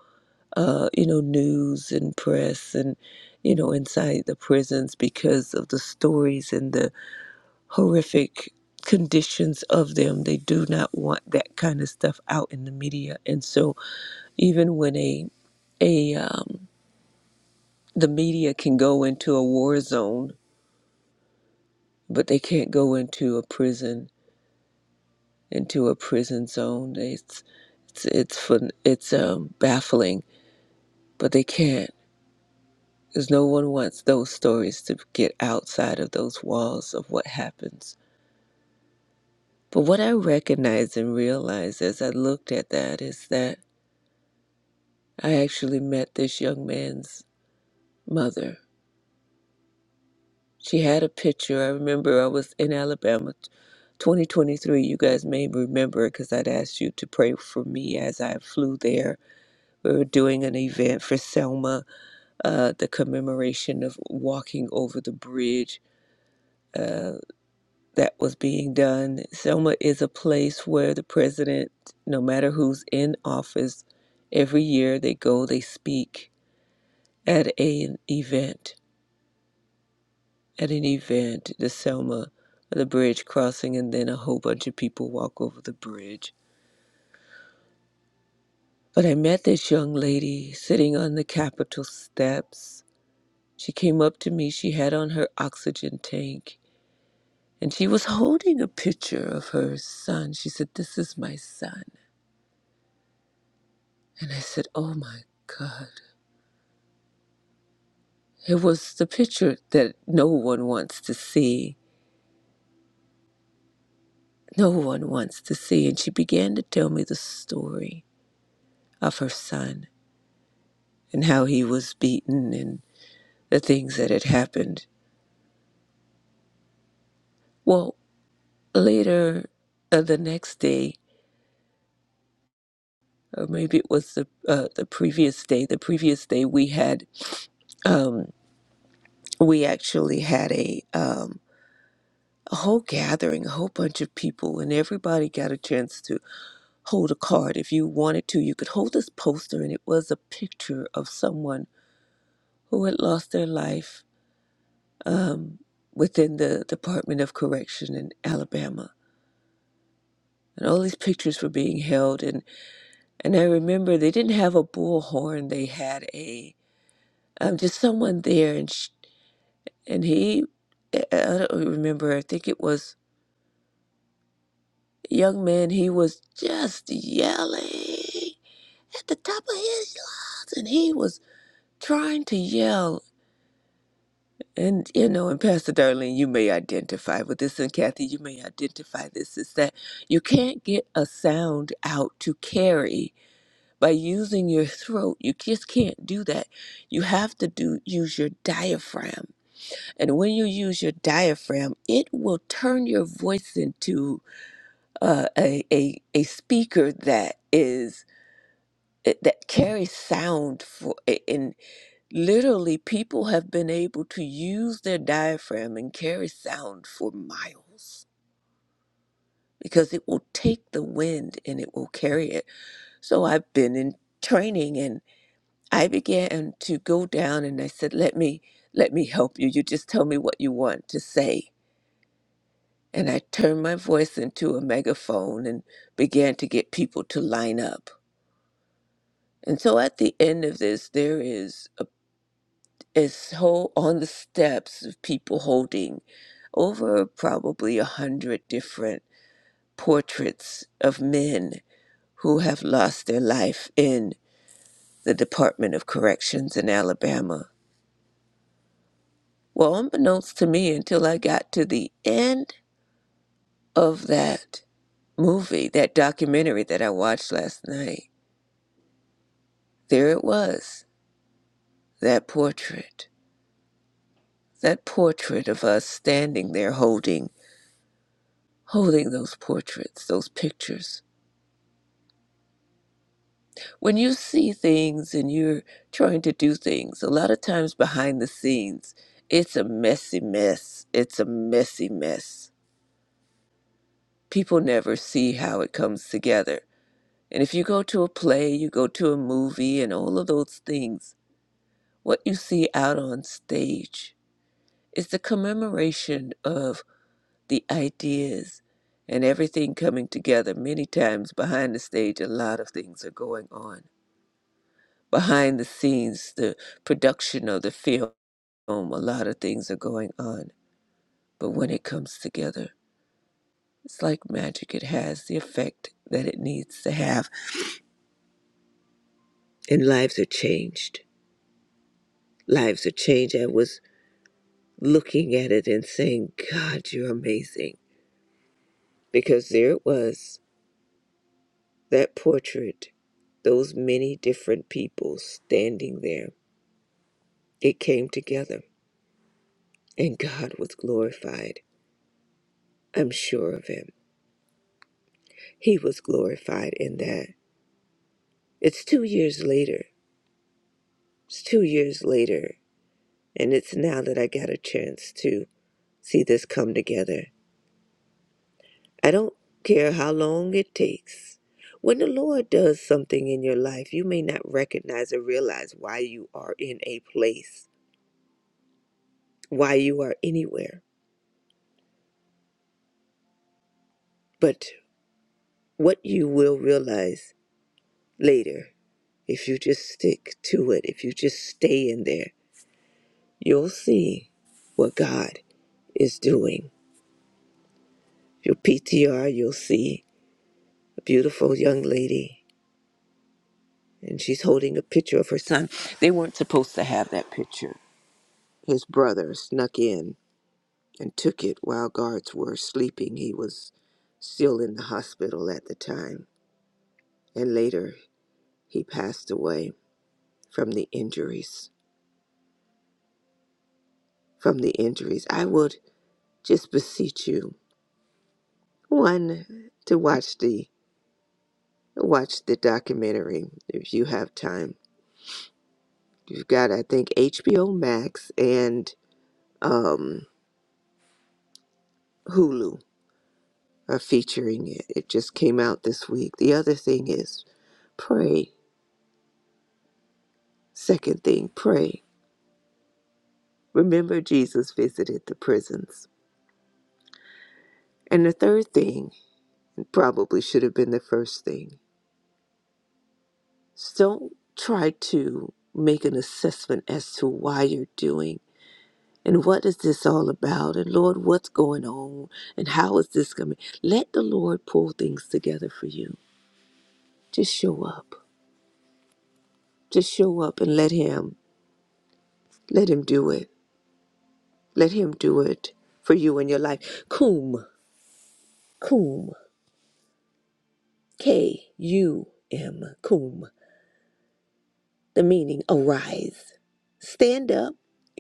S3: uh, you know, news and press and, you know, inside the prisons because of the stories and the horrific conditions of them. They do not want that kind of stuff out in the media. And so even when a a um, the media can go into a war zone, but they can't go into a prison into a prison zone. It's it's it's fun, it's um, baffling, but they can't. Because no one wants those stories to get outside of those walls of what happens. But what I recognize and realize as I looked at that is that I actually met this young man's mother. She had a picture. I remember I was in Alabama 2023. You guys may remember because I'd asked you to pray for me as I flew there. We were doing an event for Selma, uh, the commemoration of walking over the bridge uh, that was being done. Selma is a place where the president, no matter who's in office, every year they go, they speak at an event at an event, the Selma, the bridge crossing, and then a whole bunch of people walk over the bridge. But I met this young lady sitting on the Capitol steps. She came up to me, she had on her oxygen tank, and she was holding a picture of her son. She said, This is my son. And I said, Oh my God. It was the picture that no one wants to see. No one wants to see. And she began to tell me the story of her son and how he was beaten and the things that had happened. Well, later uh, the next day, or maybe it was the uh, the previous day. The previous day we had um, we actually had a um, a whole gathering, a whole bunch of people, and everybody got a chance to hold a card. If you wanted to, you could hold this poster, and it was a picture of someone who had lost their life um, within the Department of Correction in Alabama and all these pictures were being held and and I remember they didn't have a bullhorn they had a um, just someone there and sh- and he eh, eh, I don't remember I think it was a young man he was just yelling at the top of his lungs and he was trying to yell and you know and Pastor Darlene you may identify with this and Kathy you may identify this is that you can't get a sound out to carry by using your throat you just can't do that you have to do use your diaphragm and when you use your diaphragm it will turn your voice into uh, a, a a speaker that is eh, that carries sound for and literally people have been able to use their diaphragm and carry sound for miles because it will take the wind and it will carry it so i've been in training and. I began to go down and I said, Let me let me help you. You just tell me what you want to say. And I turned my voice into a megaphone and began to get people to line up. And so at the end of this, there is a, is whole on the steps of people holding over probably a hundred different portraits of men who have lost their life in the Department of Corrections in Alabama Well, unbeknownst to me, until I got to the end of that movie, that documentary that I watched last night, there it was, that portrait, that portrait of us standing there holding, holding those portraits, those pictures. When you see things and you're trying to do things, a lot of times behind the scenes, it's a messy mess. It's a messy mess. People never see how it comes together And if you go to a play, you go to a movie, and all of those things, what you see out on stage is the commemoration of the ideas and everything coming together. Many times behind the stage, a lot of things are going on. Behind the scenes, the production of the film, a lot of things are going on. But when it comes together, it's like magic. It has the effect that it needs to have, and lives are changed. Lives are changed. I was looking at it and saying, God, you're amazing. Because there it was, that portrait, those many different people standing there. It came together, and God was glorified. I'm sure of him. He was glorified in that. It's two years later. It's two years later. And it's now that I got a chance to see this come together. I don't care how long it takes. When the Lord does something in your life, you may not recognize or realize why you are in a place, why you are anywhere. But what you will realize later, if you just stick to it, if you just stay in there, you'll see what God is doing. Your PTR, you'll see a beautiful young lady, and she's holding a picture of her son. They weren't supposed to have that picture His brother snuck in and took it while guards were sleeping. He was still in the hospital at the time, and later he passed away from the injuries. From the injuries, I would just beseech you one to watch the watch the documentary if you have time. You've got, I think, HBO Max and um, Hulu are featuring it. It just came out this week. The other thing is pray. Second thing, pray. Remember, Jesus visited the prisons. And the third thing, probably should have been the first thing, don't try to make an assessment as to why you're doing and what is this all about and Lord, what's going on and how is this coming. Let the Lord pull things together for you. Just show up. Just show up and let Him, let Him do it. Let Him do it for you in your life. Coom, coom. K U M, cum, the meaning arise, stand up,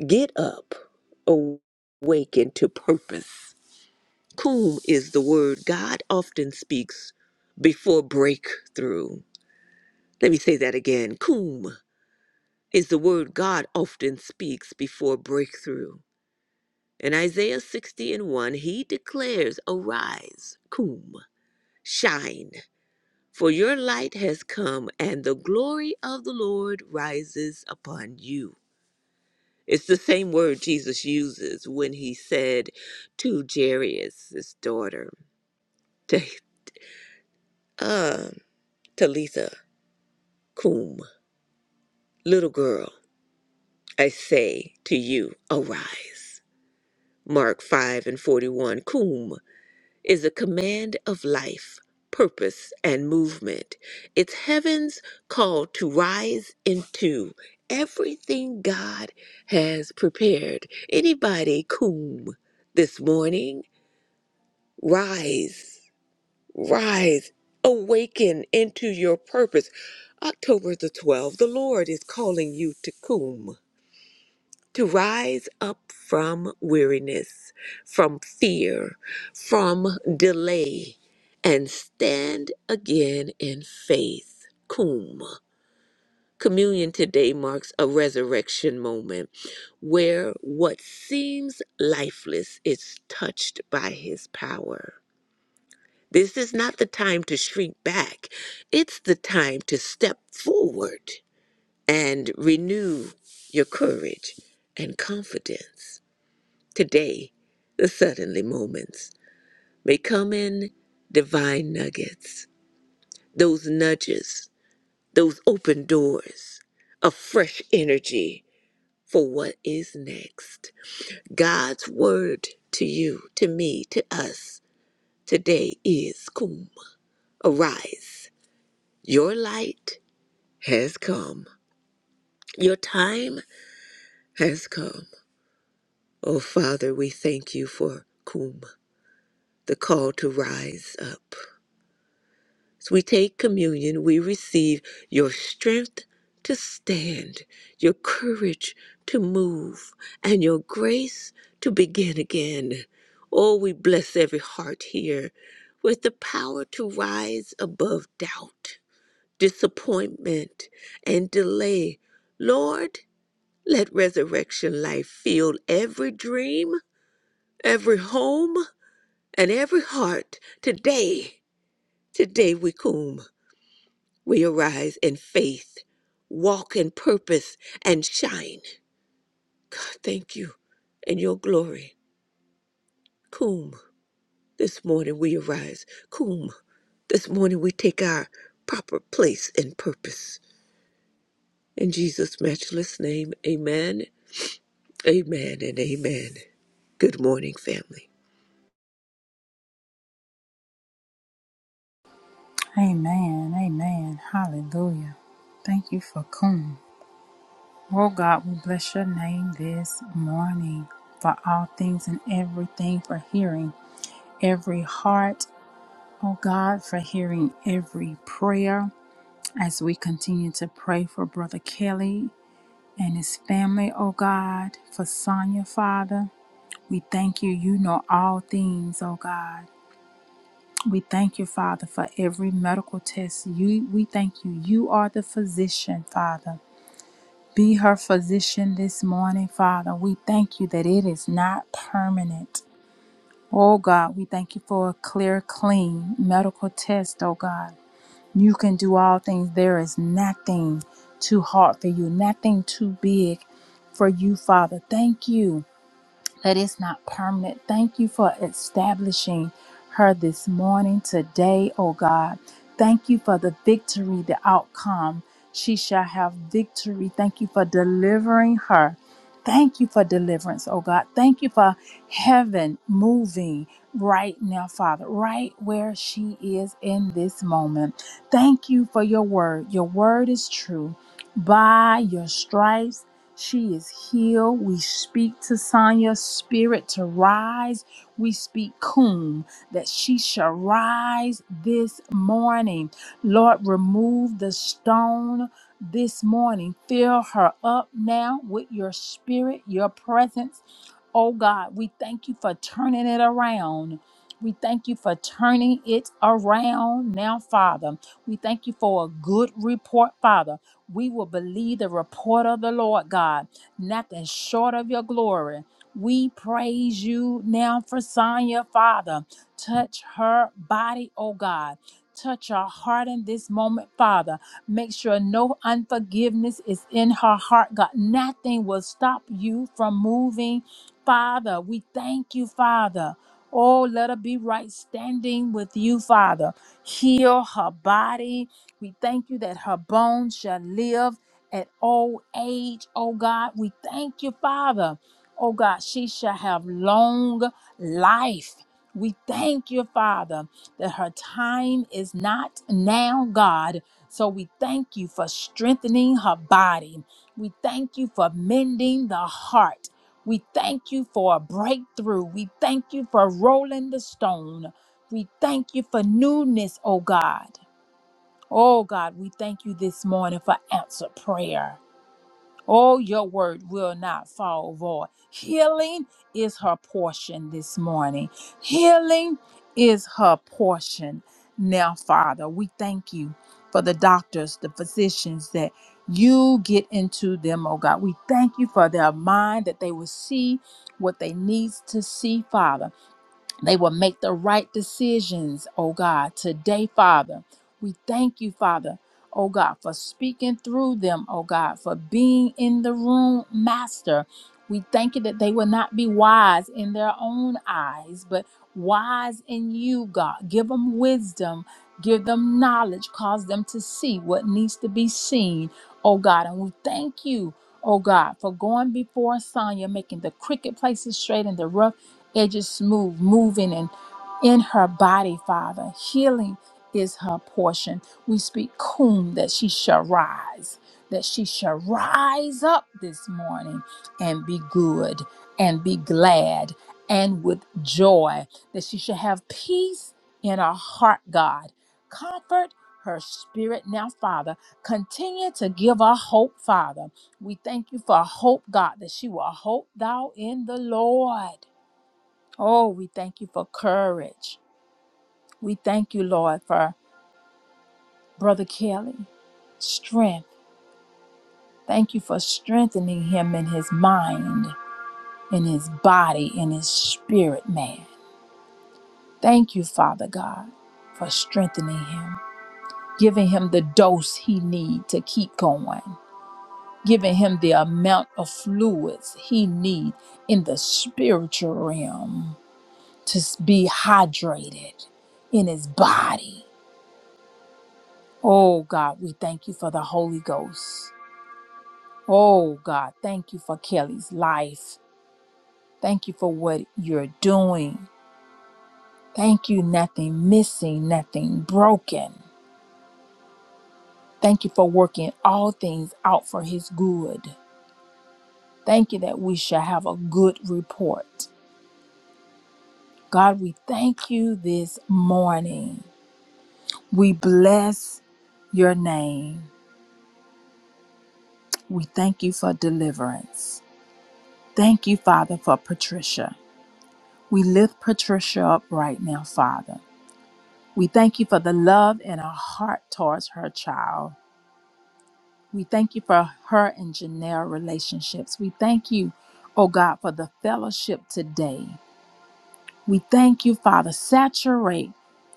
S3: get up, awaken to purpose. Cum is the word God often speaks before breakthrough. Let me say that again. Cum is the word God often speaks before breakthrough. In Isaiah 60 and 1, he declares, Arise, cum, shine. For your light has come, and the glory of the Lord rises upon you. It's the same word Jesus uses when he said to Jairus' daughter, to, uh, Talitha cum, little girl, I say to you, arise. Mark 5 and 41, Cum. is a command of life, purpose, and movement. It's heaven's call to rise into everything God has prepared. Anybody, coom, this morning, rise, rise, awaken into your purpose. October the 12th, the Lord is calling you to coom to rise up from weariness, from fear, from delay, and stand again in faith. Cum. Communion today marks a resurrection moment where what seems lifeless is touched by his power. This is not the time to shrink back. It's the time to step forward and renew your courage and confidence. Today, the suddenly moments may come in divine nuggets, those nudges, those open doors of fresh energy for what is next. God's word to you, to me, to us today is Kum. Arise. Your light has come. Your time has come. Oh, Father, we thank you for Kum, the call to rise up. As we take communion, we receive your strength to stand, your courage to move, and your grace to begin again. Oh, we bless every heart here with the power to rise above doubt, disappointment, and delay. Lord, let resurrection life fill every dream, every home, and every heart today. Today we come. We arise in faith, walk in purpose, and shine. God, thank you in your glory. Cum, this morning we arise. Cum, this morning we take our proper place and purpose. In Jesus' matchless name, amen, amen, and amen. Good morning, family.
S1: Amen. Amen. Hallelujah. Thank you for coming. Oh, God, we bless your name this morning for all things and everything, for hearing every heart Oh God, for hearing every prayer as we continue to pray for Brother Kelly and his family, oh God, for Sonia, Father. We thank you. You know all things, oh God. We thank you, Father, for every medical test. You, we thank you. You are the physician, Father. Be her physician this morning, Father. We thank you that it is not permanent. Oh God, we thank you for a clear, clean medical test, oh God. You can do all things. There is nothing too hard for you, nothing too big for you, Father. Thank you that it's not permanent. Thank you for establishing her this morning, today, oh God. Thank you for the victory, the outcome. She shall have victory. Thank you for delivering her. Thank you for deliverance, oh God. Thank you for heaven moving right now, Father, right where she is in this moment. Thank you for your word. Your word is true. By your stripes, she is healed. We speak to Sonia's spirit to rise. We speak Kum that she shall rise this morning. Lord, remove the stone this morning. Fill her up now with your spirit, your presence. Oh God, we thank you for turning it around. We thank you for turning it around now, Father. We thank you for a good report, Father. We will believe the report of the Lord God, nothing short of your glory. We praise you now for Sonya, Father. Touch her body, oh God. Touch her heart in this moment, Father. Make sure no unforgiveness is in her heart, God. Nothing will stop you from moving, Father. We thank you, Father. Oh, let her be right standing with you, Father. Heal her body, we thank you that her bones shall live at old age, oh God. We thank you, Father. Oh God, she shall have long life. We thank you, Father, that her time is not now, God. So we thank you for strengthening her body. We thank you for mending the heart. We thank you for a breakthrough. We thank you for rolling the stone. We thank you for newness, oh God. Oh God, we thank you this morning for answer prayer. Oh, your word will not fall void. Healing is her portion this morning. Healing is her portion. Now, Father, we thank you for the doctors, the physicians that you get into them, oh God. We thank you for their mind that they will see what they needs to see, Father. They will make the right decisions, oh God, today, Father. We thank you, Father, oh God, for speaking through them, oh God, for being in the room, Master. We thank you that they will not be wise in their own eyes, but wise in you, God. Give them wisdom, give them knowledge, cause them to see what needs to be seen, oh God. And we thank you. Oh God, for going before Sonya, making the crooked places straight and the rough edges smooth, moving and in her body, Father. Healing is her portion. We speak cum that she shall rise, that she shall rise up this morning and be good and be glad and with joy, that she shall have peace in her heart, God. Comfort her spirit now, Father. Continue to give her hope, Father. We thank you for hope, God, that she will hope thou in the Lord Oh, we thank you for courage. We thank you, Lord, for Brother Kelly. Strength. Thank you for strengthening him in his mind, in his body, in his spirit, man. Thank you, Father God, for strengthening him, giving him the dose he need to keep going, giving him the amount of fluids he need in the spiritual realm to s- be hydrated in his body Oh God, we thank you for the Holy Ghost. Oh God, thank you for Kelly's life. Thank you for what you're doing. Thank you, nothing missing, nothing broken. Thank you for working all things out for his good. Thank you that we shall have a good report. God, we thank you this morning. We bless your name. We thank you for deliverance. Thank you, Father, for Patricia. We lift Patricia up right now, Father. We thank you for the love in her heart towards her child. We thank you for her and Janelle relationships. We thank you, oh God, for the fellowship today. We thank you, Father. Saturate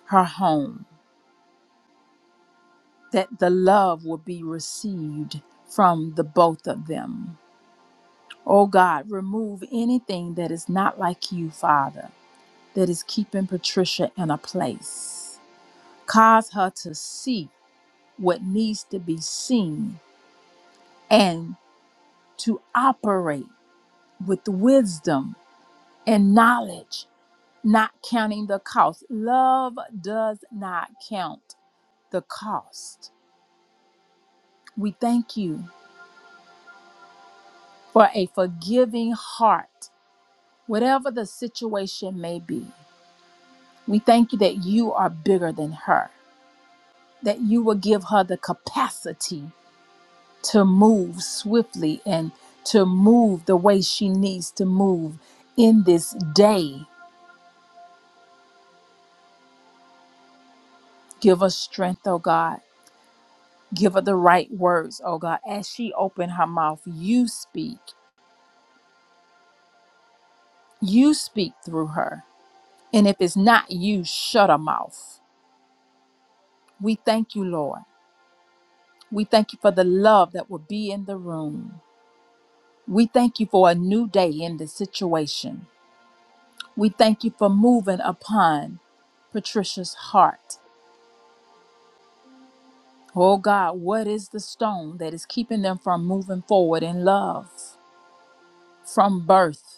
S1: her home that the love will be received from the both of them. Oh God, remove anything that is not like you, Father, that is keeping Patricia in a place. Cause her to see what needs to be seen and to operate with wisdom and knowledge, not counting the cost. Love does not count the cost. We thank you for a forgiving heart, whatever the situation may be. We thank you that you are bigger than her, that you will give her the capacity to move swiftly and to move the way she needs to move in this day. Give her strength, oh God. Give her the right words, oh God. As she opened her mouth, you speak. You speak through her. And if it's not you, shut her mouth. We thank you, Lord. We thank you for the love that will be in the room. We thank you for a new day in this situation. We thank you for moving upon Patricia's heart. Oh God, what is the stone that is keeping them from moving forward in love from birth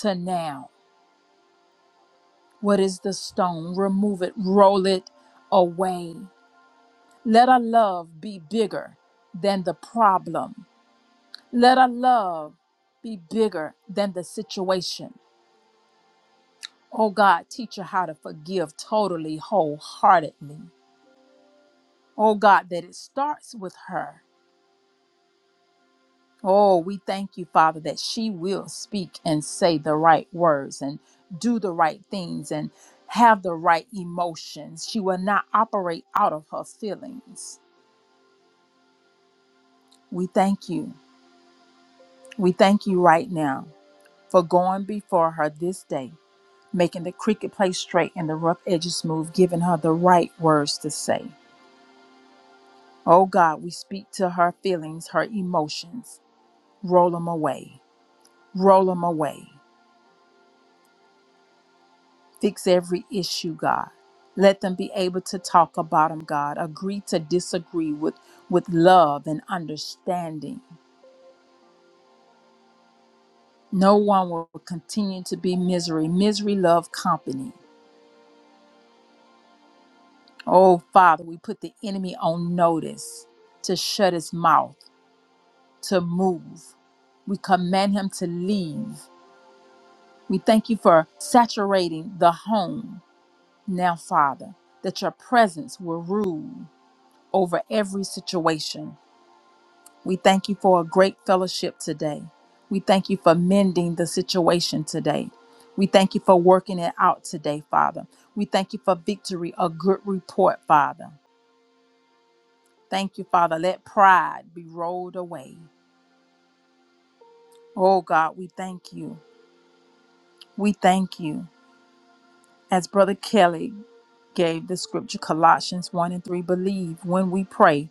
S1: to now? What is the stone? Remove it, roll it away. Let our love be bigger than the problem. Let our love be bigger than the situation. Oh God, teach her how to forgive totally, wholeheartedly. Oh God, that it starts with her Oh, we thank you, Father, that she will speak and say the right words and do the right things and have the right emotions. She will not operate out of her feelings. We thank you. We thank you right now for going before her this day, making the cricket place straight and the rough edges smooth, giving her the right words to say. Oh God, we speak to her feelings, her emotions. Roll them away. Roll them away. Fix every issue, God. Let them be able to talk about them, God. Agree to disagree with, with love and understanding. No one will continue to be misery. Misery love company. Oh, Father, we put the enemy on notice to shut his mouth, to move. We command him to leave. We thank you for saturating the home now, Father, that your presence will rule over every situation. We thank you for a great fellowship today. We thank you for mending the situation today. We thank you for working it out today, Father. We thank you for victory, a good report, Father. Thank you, Father. Let pride be rolled away. Oh God, we thank you. We thank you. As Brother Kelly gave the scripture, Colossians 1 and 3, believe when we pray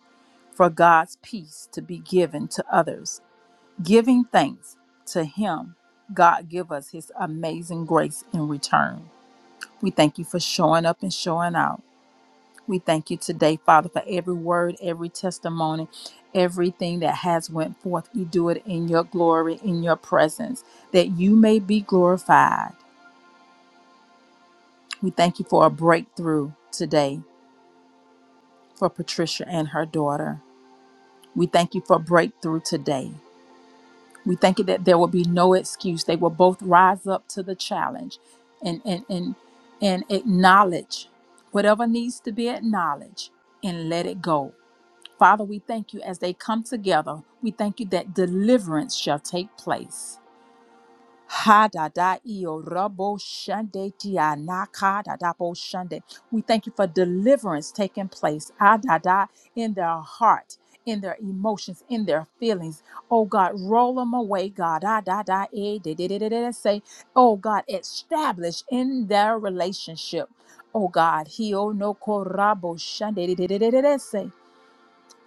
S1: for God's peace to be given to others Giving thanks to Him, God give us His amazing grace in return. We thank you for showing up and showing out. We thank you today, Father, for every word, every testimony, everything that has went forth. We do it in your glory, in your presence, that you may be glorified. We thank you for a breakthrough today for Patricia and her daughter. We thank you for a breakthrough today. We thank you that there will be no excuse. They will both rise up to the challenge and and and and acknowledge whatever needs to be acknowledged and let it go. Father, we thank you as they come together. We thank you that deliverance shall take place. Ha da da iyo rabo shande dia na ka da da bo shande. We thank you for deliverance taking place. Ah da da in their heart, in their emotions, in their feelings. Oh God, roll them away, God. Ah da da eh de de de de de say. Oh God, establish in their relationship. Oh God, he no korabo shande de de de de de de say.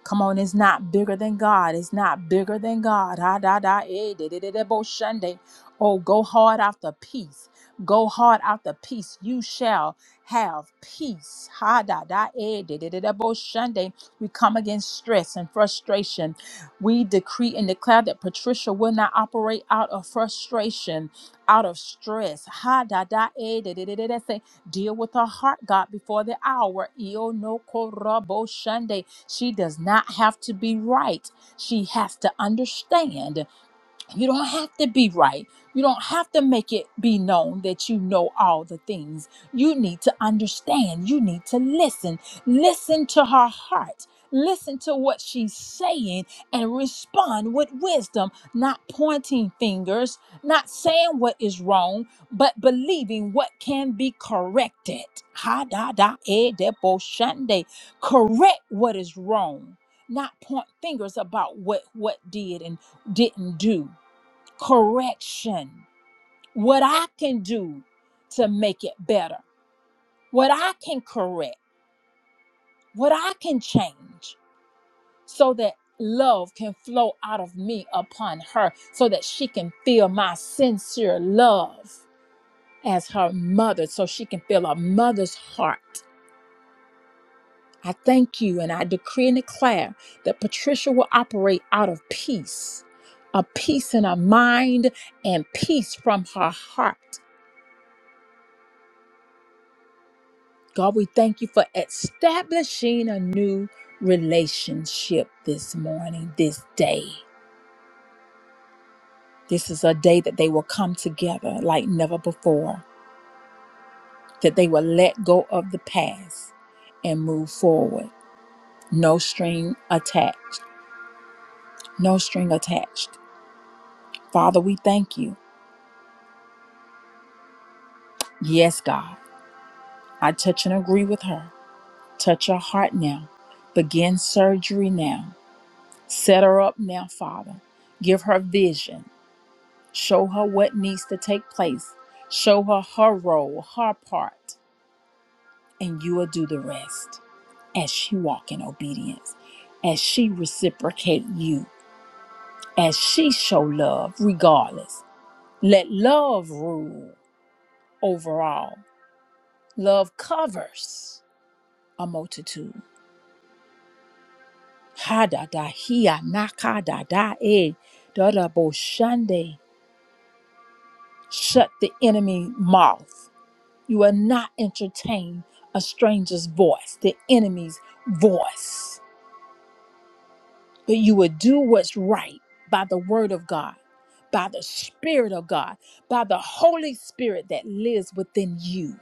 S1: Come on, it's not bigger than God. It's not bigger than God. Ah, da, da, eh, da, da, da, da, bo, shunday. Oh, go hard after peace. Go hard after peace. You shall have peace. Ha da da eh, da, da, da, da, bo, shunday. We come against stress and frustration. We decree and declare that Patricia will not operate out of frustration, out of stress. Ha da da eh, da, da, da, da, da. Say, deal with her heart, God, before the hour. Io no corrobo shunday. She does not have to be right. She has to understand you don't have to be right. You don't have to make it be known that you know all the things. You need to understand. You need to listen. Listen to her heart. Listen to what she's saying and respond with wisdom, not pointing fingers, not saying what is wrong, but believing what can be corrected. Ha da da e de bo shande. Correct what is wrong, not point fingers about what what did and didn't do correction, what I can do to make it better, what I can correct, what I can change, so that love can flow out of me upon her, so that she can feel my sincere love as her mother, so she can feel a mother's heart. I thank you and I decree and declare that Patricia will operate out of peace, a peace in her mind and peace from her heart God, we thank you for establishing a new relationship this morning, this day. This is a day that they will come together like never before, that they will let go of the past and move forward. No string attached. No string attached. Father, we thank you. Yes, God. I touch and agree with her. Touch her heart now. Begin surgery now. Set her up now, Father. Give her vision. Show her what needs to take place. Show her her role, her part, and you will do the rest as she walk in obedience, as she reciprocate you, as she show love regardless. Let love rule overall. Love covers a multitude. Ha da da hia naka da da e da da bo shande. Shut the enemy mouth. You will not entertain a stranger's voice, the enemy's voice, but you will do what's right by the word of God, by the Spirit of God, by the Holy Spirit that lives within you.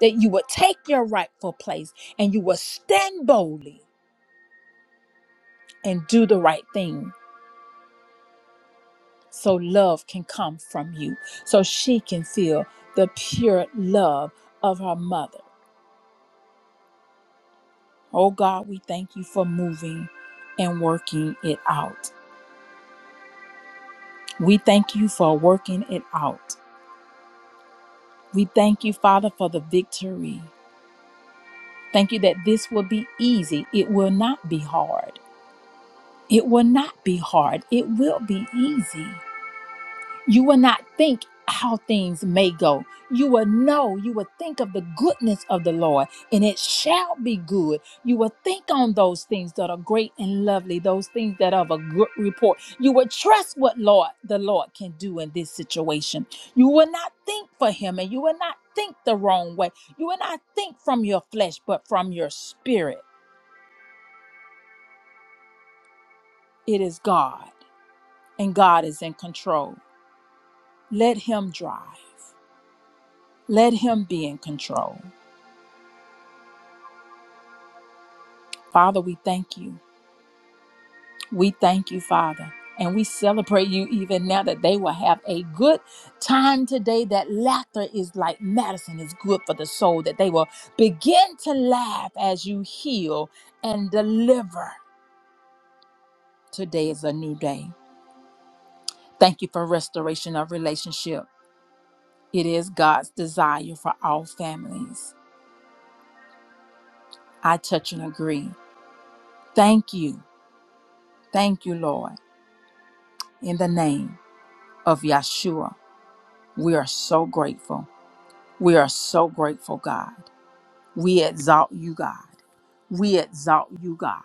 S1: That you will take your rightful place and you will stand boldly and do the right thing so love can come from you, so she can feel the pure love of her mother. Oh God, we thank you for moving and working it out. We thank you for working it out. We thank you, Father, for the victory. Thank you that this will be easy. It will not be hard. It will not be hard. It will be easy. You will not think how things may go. You will know, you will think of the goodness of the Lord, and it shall be good. You will think on those things that are great and lovely, those things that are of a good report. You will trust what Lord the Lord can do in this situation. You will not think for him and you will not think the wrong way. You will not think from your flesh, but from your spirit. It is God, and God is in control. Let him drive. Let him be in control. Father, we thank you. We thank you, Father. And we celebrate you even now that they will have a good time today. That laughter is like medicine, is good for the soul. That they will begin to laugh as you heal and deliver. Today is a new day. Thank you for restoration of relationship. It is God's desire for all families. I touch and agree. Thank you. Thank you, Lord. In the name of Yeshua, we are so grateful. We are so grateful, God. We exalt you, God. We exalt you, God.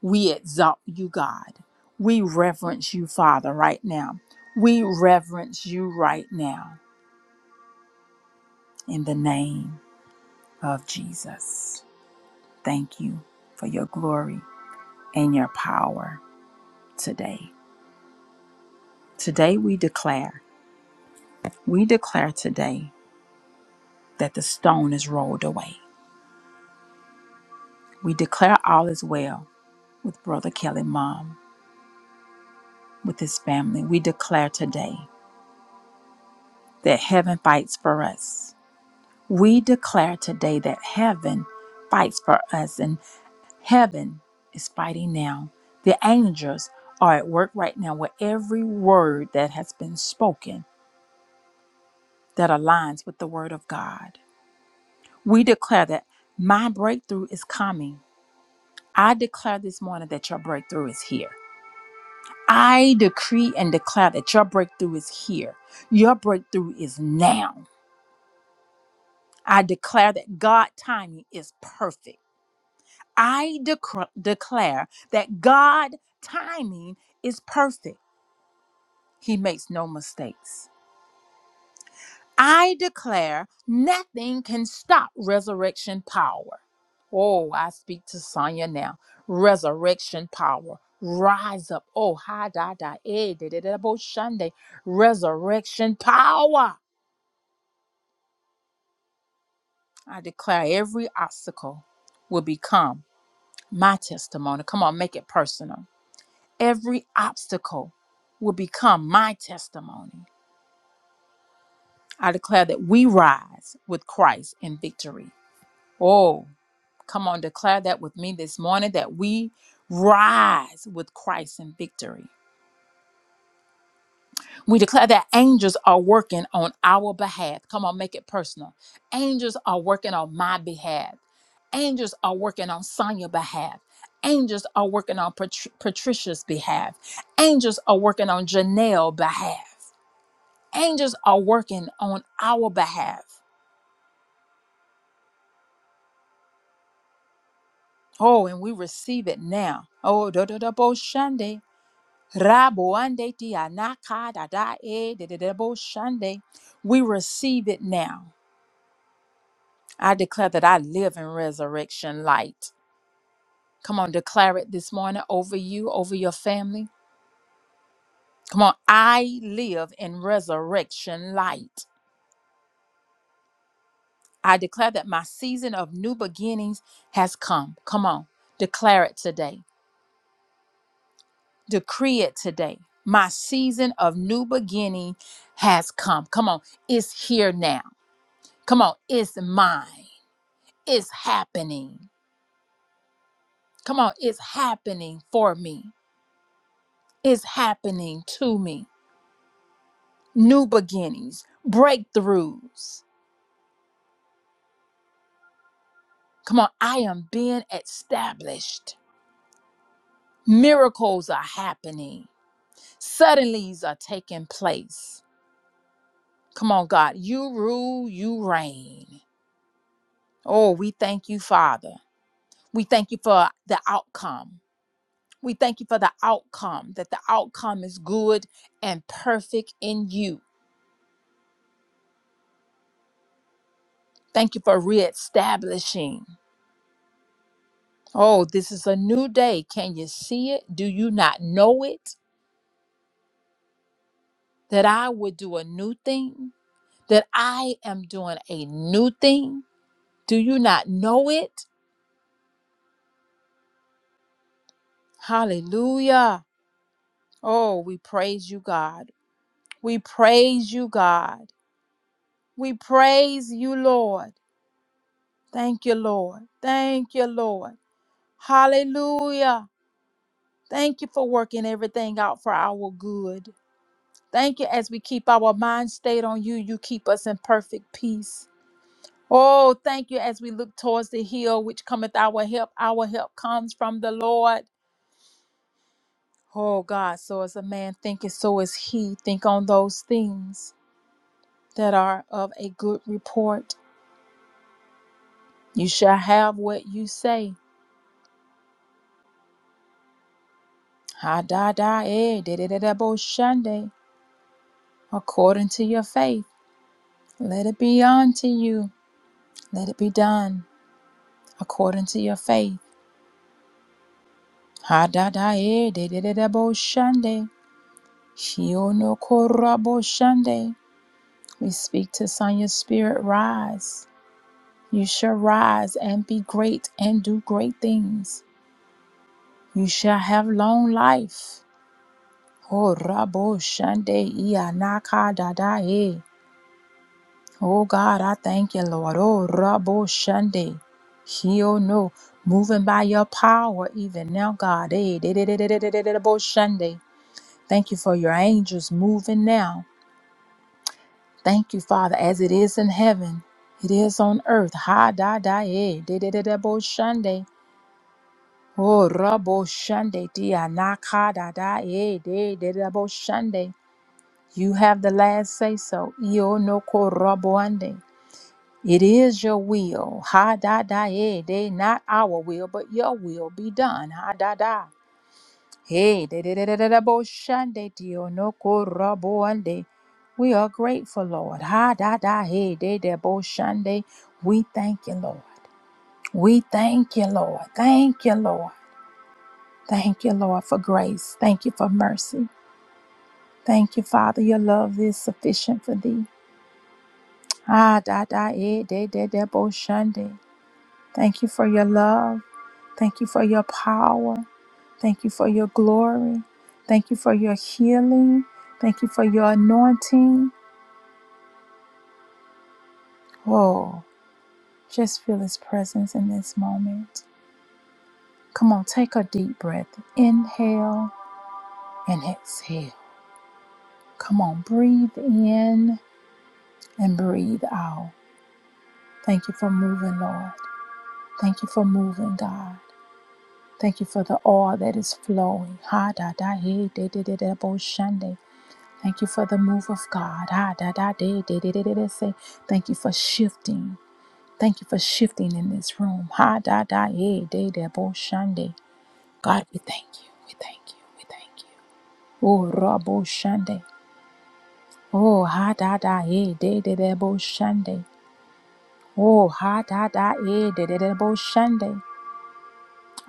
S1: We exalt you, God. We reverence you, Father, right now. We reverence you right now in the name of Jesus. Thank you for your glory and your power today. Today we declare, we declare today that the stone is rolled away. We declare all is well with Brother Kelly Mom. with his family. We declare today that heaven fights for us. We declare today that heaven fights for us and heaven is fighting now. The angels are at work right now with every word that has been spoken that aligns with the word of God. We declare that my breakthrough is coming. I declare this morning that your breakthrough is here. I decree and declare that your breakthrough is here. Your breakthrough is now. I declare that God timing is perfect. I decr declare that God timing is perfect. He makes no mistakes. I declare nothing can stop resurrection power. Oh, I speak to Sonya now. Resurrection power. Rise up. Oh, ha da, da, eh, da, da, da, bo, shande. Resurrection power. I declare every obstacle will become. my testimony. Come on, make it personal. Every obstacle will become my testimony. I declare that we rise with Christ in victory. Oh, come on, declare that with me this morning that we rise with Christ in victory. We declare that angels are working on our behalf. Come on, make it personal. Angels are working on my behalf. Angels are working on Sonia's behalf. Angels are working on Pat- Patricia's behalf. Angels are working on Janelle's behalf. Angels are working on our behalf. Oh, and we receive it now. Oh, da da da bo shande. Rabo ande ti anaka da da e da da da bo shande. We receive it now. I declare that I live in resurrection light. Come on, declare it this morning over you, over your family. Come on, I live in resurrection light. I declare that my season of new beginnings has come. Come on, declare it today. Decree it today. My season of new beginning has come. Come on, it's here now. Come on, it's mine. It's happening. Come on, it's happening for me. It's happening to me new beginnings, breakthroughs. Come on, I am being established. Miracles are happening. Suddenlies are taking place. Come on, God, you rule, you reign. Oh, we thank you, Father. We thank you for the outcome. We thank you for the outcome, that the outcome is good and perfect in you. Thank you for reestablishing. Oh, this is a new day. Can you see it? Do you not know it? that I would do a new thing, that I am doing a new thing. Do you not know it? Hallelujah. Oh, we praise you, God. We praise you, God. We praise you, Lord. Thank you, Lord. Thank you, Lord. Hallelujah. Thank you for working everything out for our good. Thank you as we keep our mind stayed on you, you keep us in perfect peace. Oh, thank you as we look towards the hill which cometh our help. Our help comes from the Lord. Oh God, so as a man thinketh, so is he. Think on those things that are of a good report. You shall have what you say. Ha da da eh, da da da da bo shande. According to your faith, let it be unto you. Let it be done according to your faith. Ha da da eh, da da da da bo shande. Shio no korabo shande. We speak to Sonia's spirit, rise. You shall rise and be great and do great things. You shall have long life. Oh, Rabo Shande Ia Naka Dada E. Oh God, I thank you, Lord. Oh, Rabo Shande. Heal no. Moving by your power, even now, God. Eh, de- de- de- de- de- de- de- de- Bo Shande. Thank you for your angels moving now. Thank you, Father, as it is in heaven, it is on earth. Ha da da e de de de de bo shande. Oh rabo shande dia na ka da da e de de de bo shande. You have the last say so. Io no ko rabo ande. It is your will. Ha da da e de not our will, but your will be done. Ha da da. Hey, de de de de de da- bo- shande dio no ko ra ande. we are grateful, Lord. Ha da da hey de de bo shande. We thank you, Lord. We thank you, Lord. Thank you, Lord. Thank you, Lord, for grace. Thank you for mercy. Thank you, Father. Your love is sufficient for thee. Ah da da eh de de de bo shande. Thank you for your love. Thank you for your power. Thank you for your glory. Thank you for your healing. Thank you for your anointing. Whoa, just feel His presence in this moment. Come on, take a deep breath. Inhale and exhale. Come on, breathe in and breathe out. Thank you for moving, Lord. Thank you for moving, God. Thank you for the oil that is flowing. Ha da da he de de de de bo shande. Thank you for the move of God. Ah, da, da, de, de, de, de, de, de, say. Thank you for shifting. Thank you for shifting in this room. Ha da da eh, de, de, bo, shande. God, we thank you. We thank you. We thank you. Oh, rabo shande. Oh, ha da da eh, de, de, de, bo, shande. Oh, ha da da eh, de, de, de, bo, shande.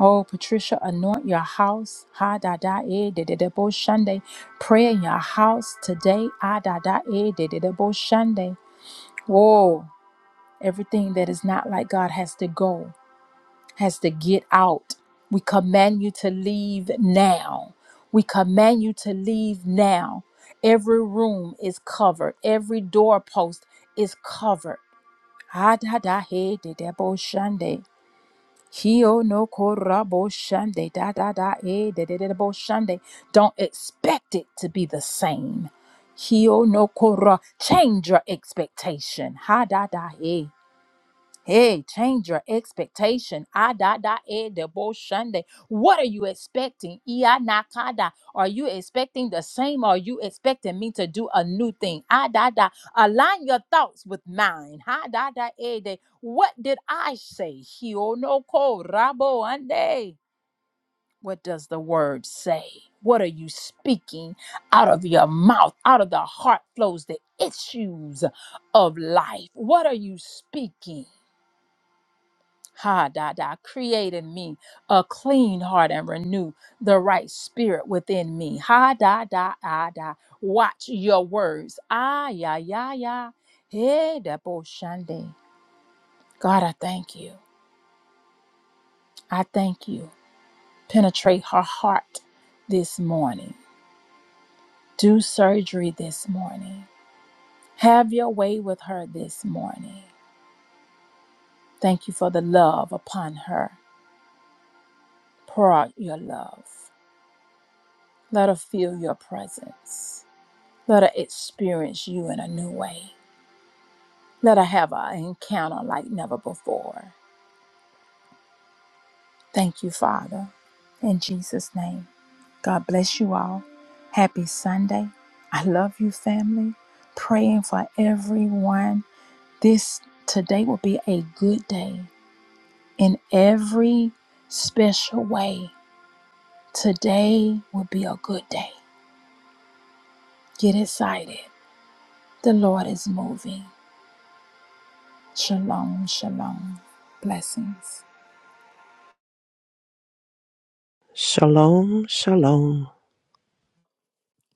S1: Oh, Patricia, anoint your house. Ha da da eh, de, de, de, bo, shande. Pray in your house today. Ah, da da eh, de, de, de, bo, shande. Whoa. Everything that is not like God has to go, has to get out. We command you to leave now. We command you to leave now. Every room is covered, every doorpost is covered. Adadahe bo shande. Hio no bo shande. Da da da e bo shande. Don't expect it to be the same. Hio no kora. Change your expectation. Ha da da Hey, change your expectation. Ah, da, da, eh, de bo shande. What are you expecting? Ia nakada. Are you expecting the same? Are you expecting me to do a new thing? Ah, da, da. Align your thoughts with mine. Ha, da, da, eh, de. What did I say? Hio no ko rabo ande. What does the word say? What are you speaking out of your mouth? Out of the heart flows the issues of life. What are you speaking? Ha da da, create in me a clean heart and renew the right spirit within me. Ha da da da da. Watch your words. Ah ya ya ya. Hey da bo shande. God, I thank you. I thank you. Penetrate her heart this morning. Do surgery this morning. Have your way with her this morning. Thank you for the love upon her. Pour out your love. Let her feel your presence. Let her experience you in a new way. Let her have an encounter like never before. Thank you, Father. In Jesus' name, God bless you all. Happy Sunday. I love you, family. Praying for everyone. This today will be a good day in every special way. Today will be a good day. Get excited. The Lord is moving. Shalom, shalom. Blessings.
S2: Shalom, shalom.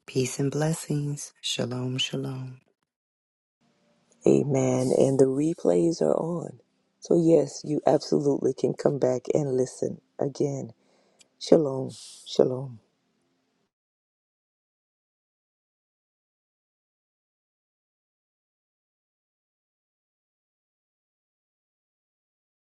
S4: Peace and blessings. Shalom, shalom.
S3: Amen. And the replays are on. So, yes, you absolutely can come back and listen again. Shalom. Shalom.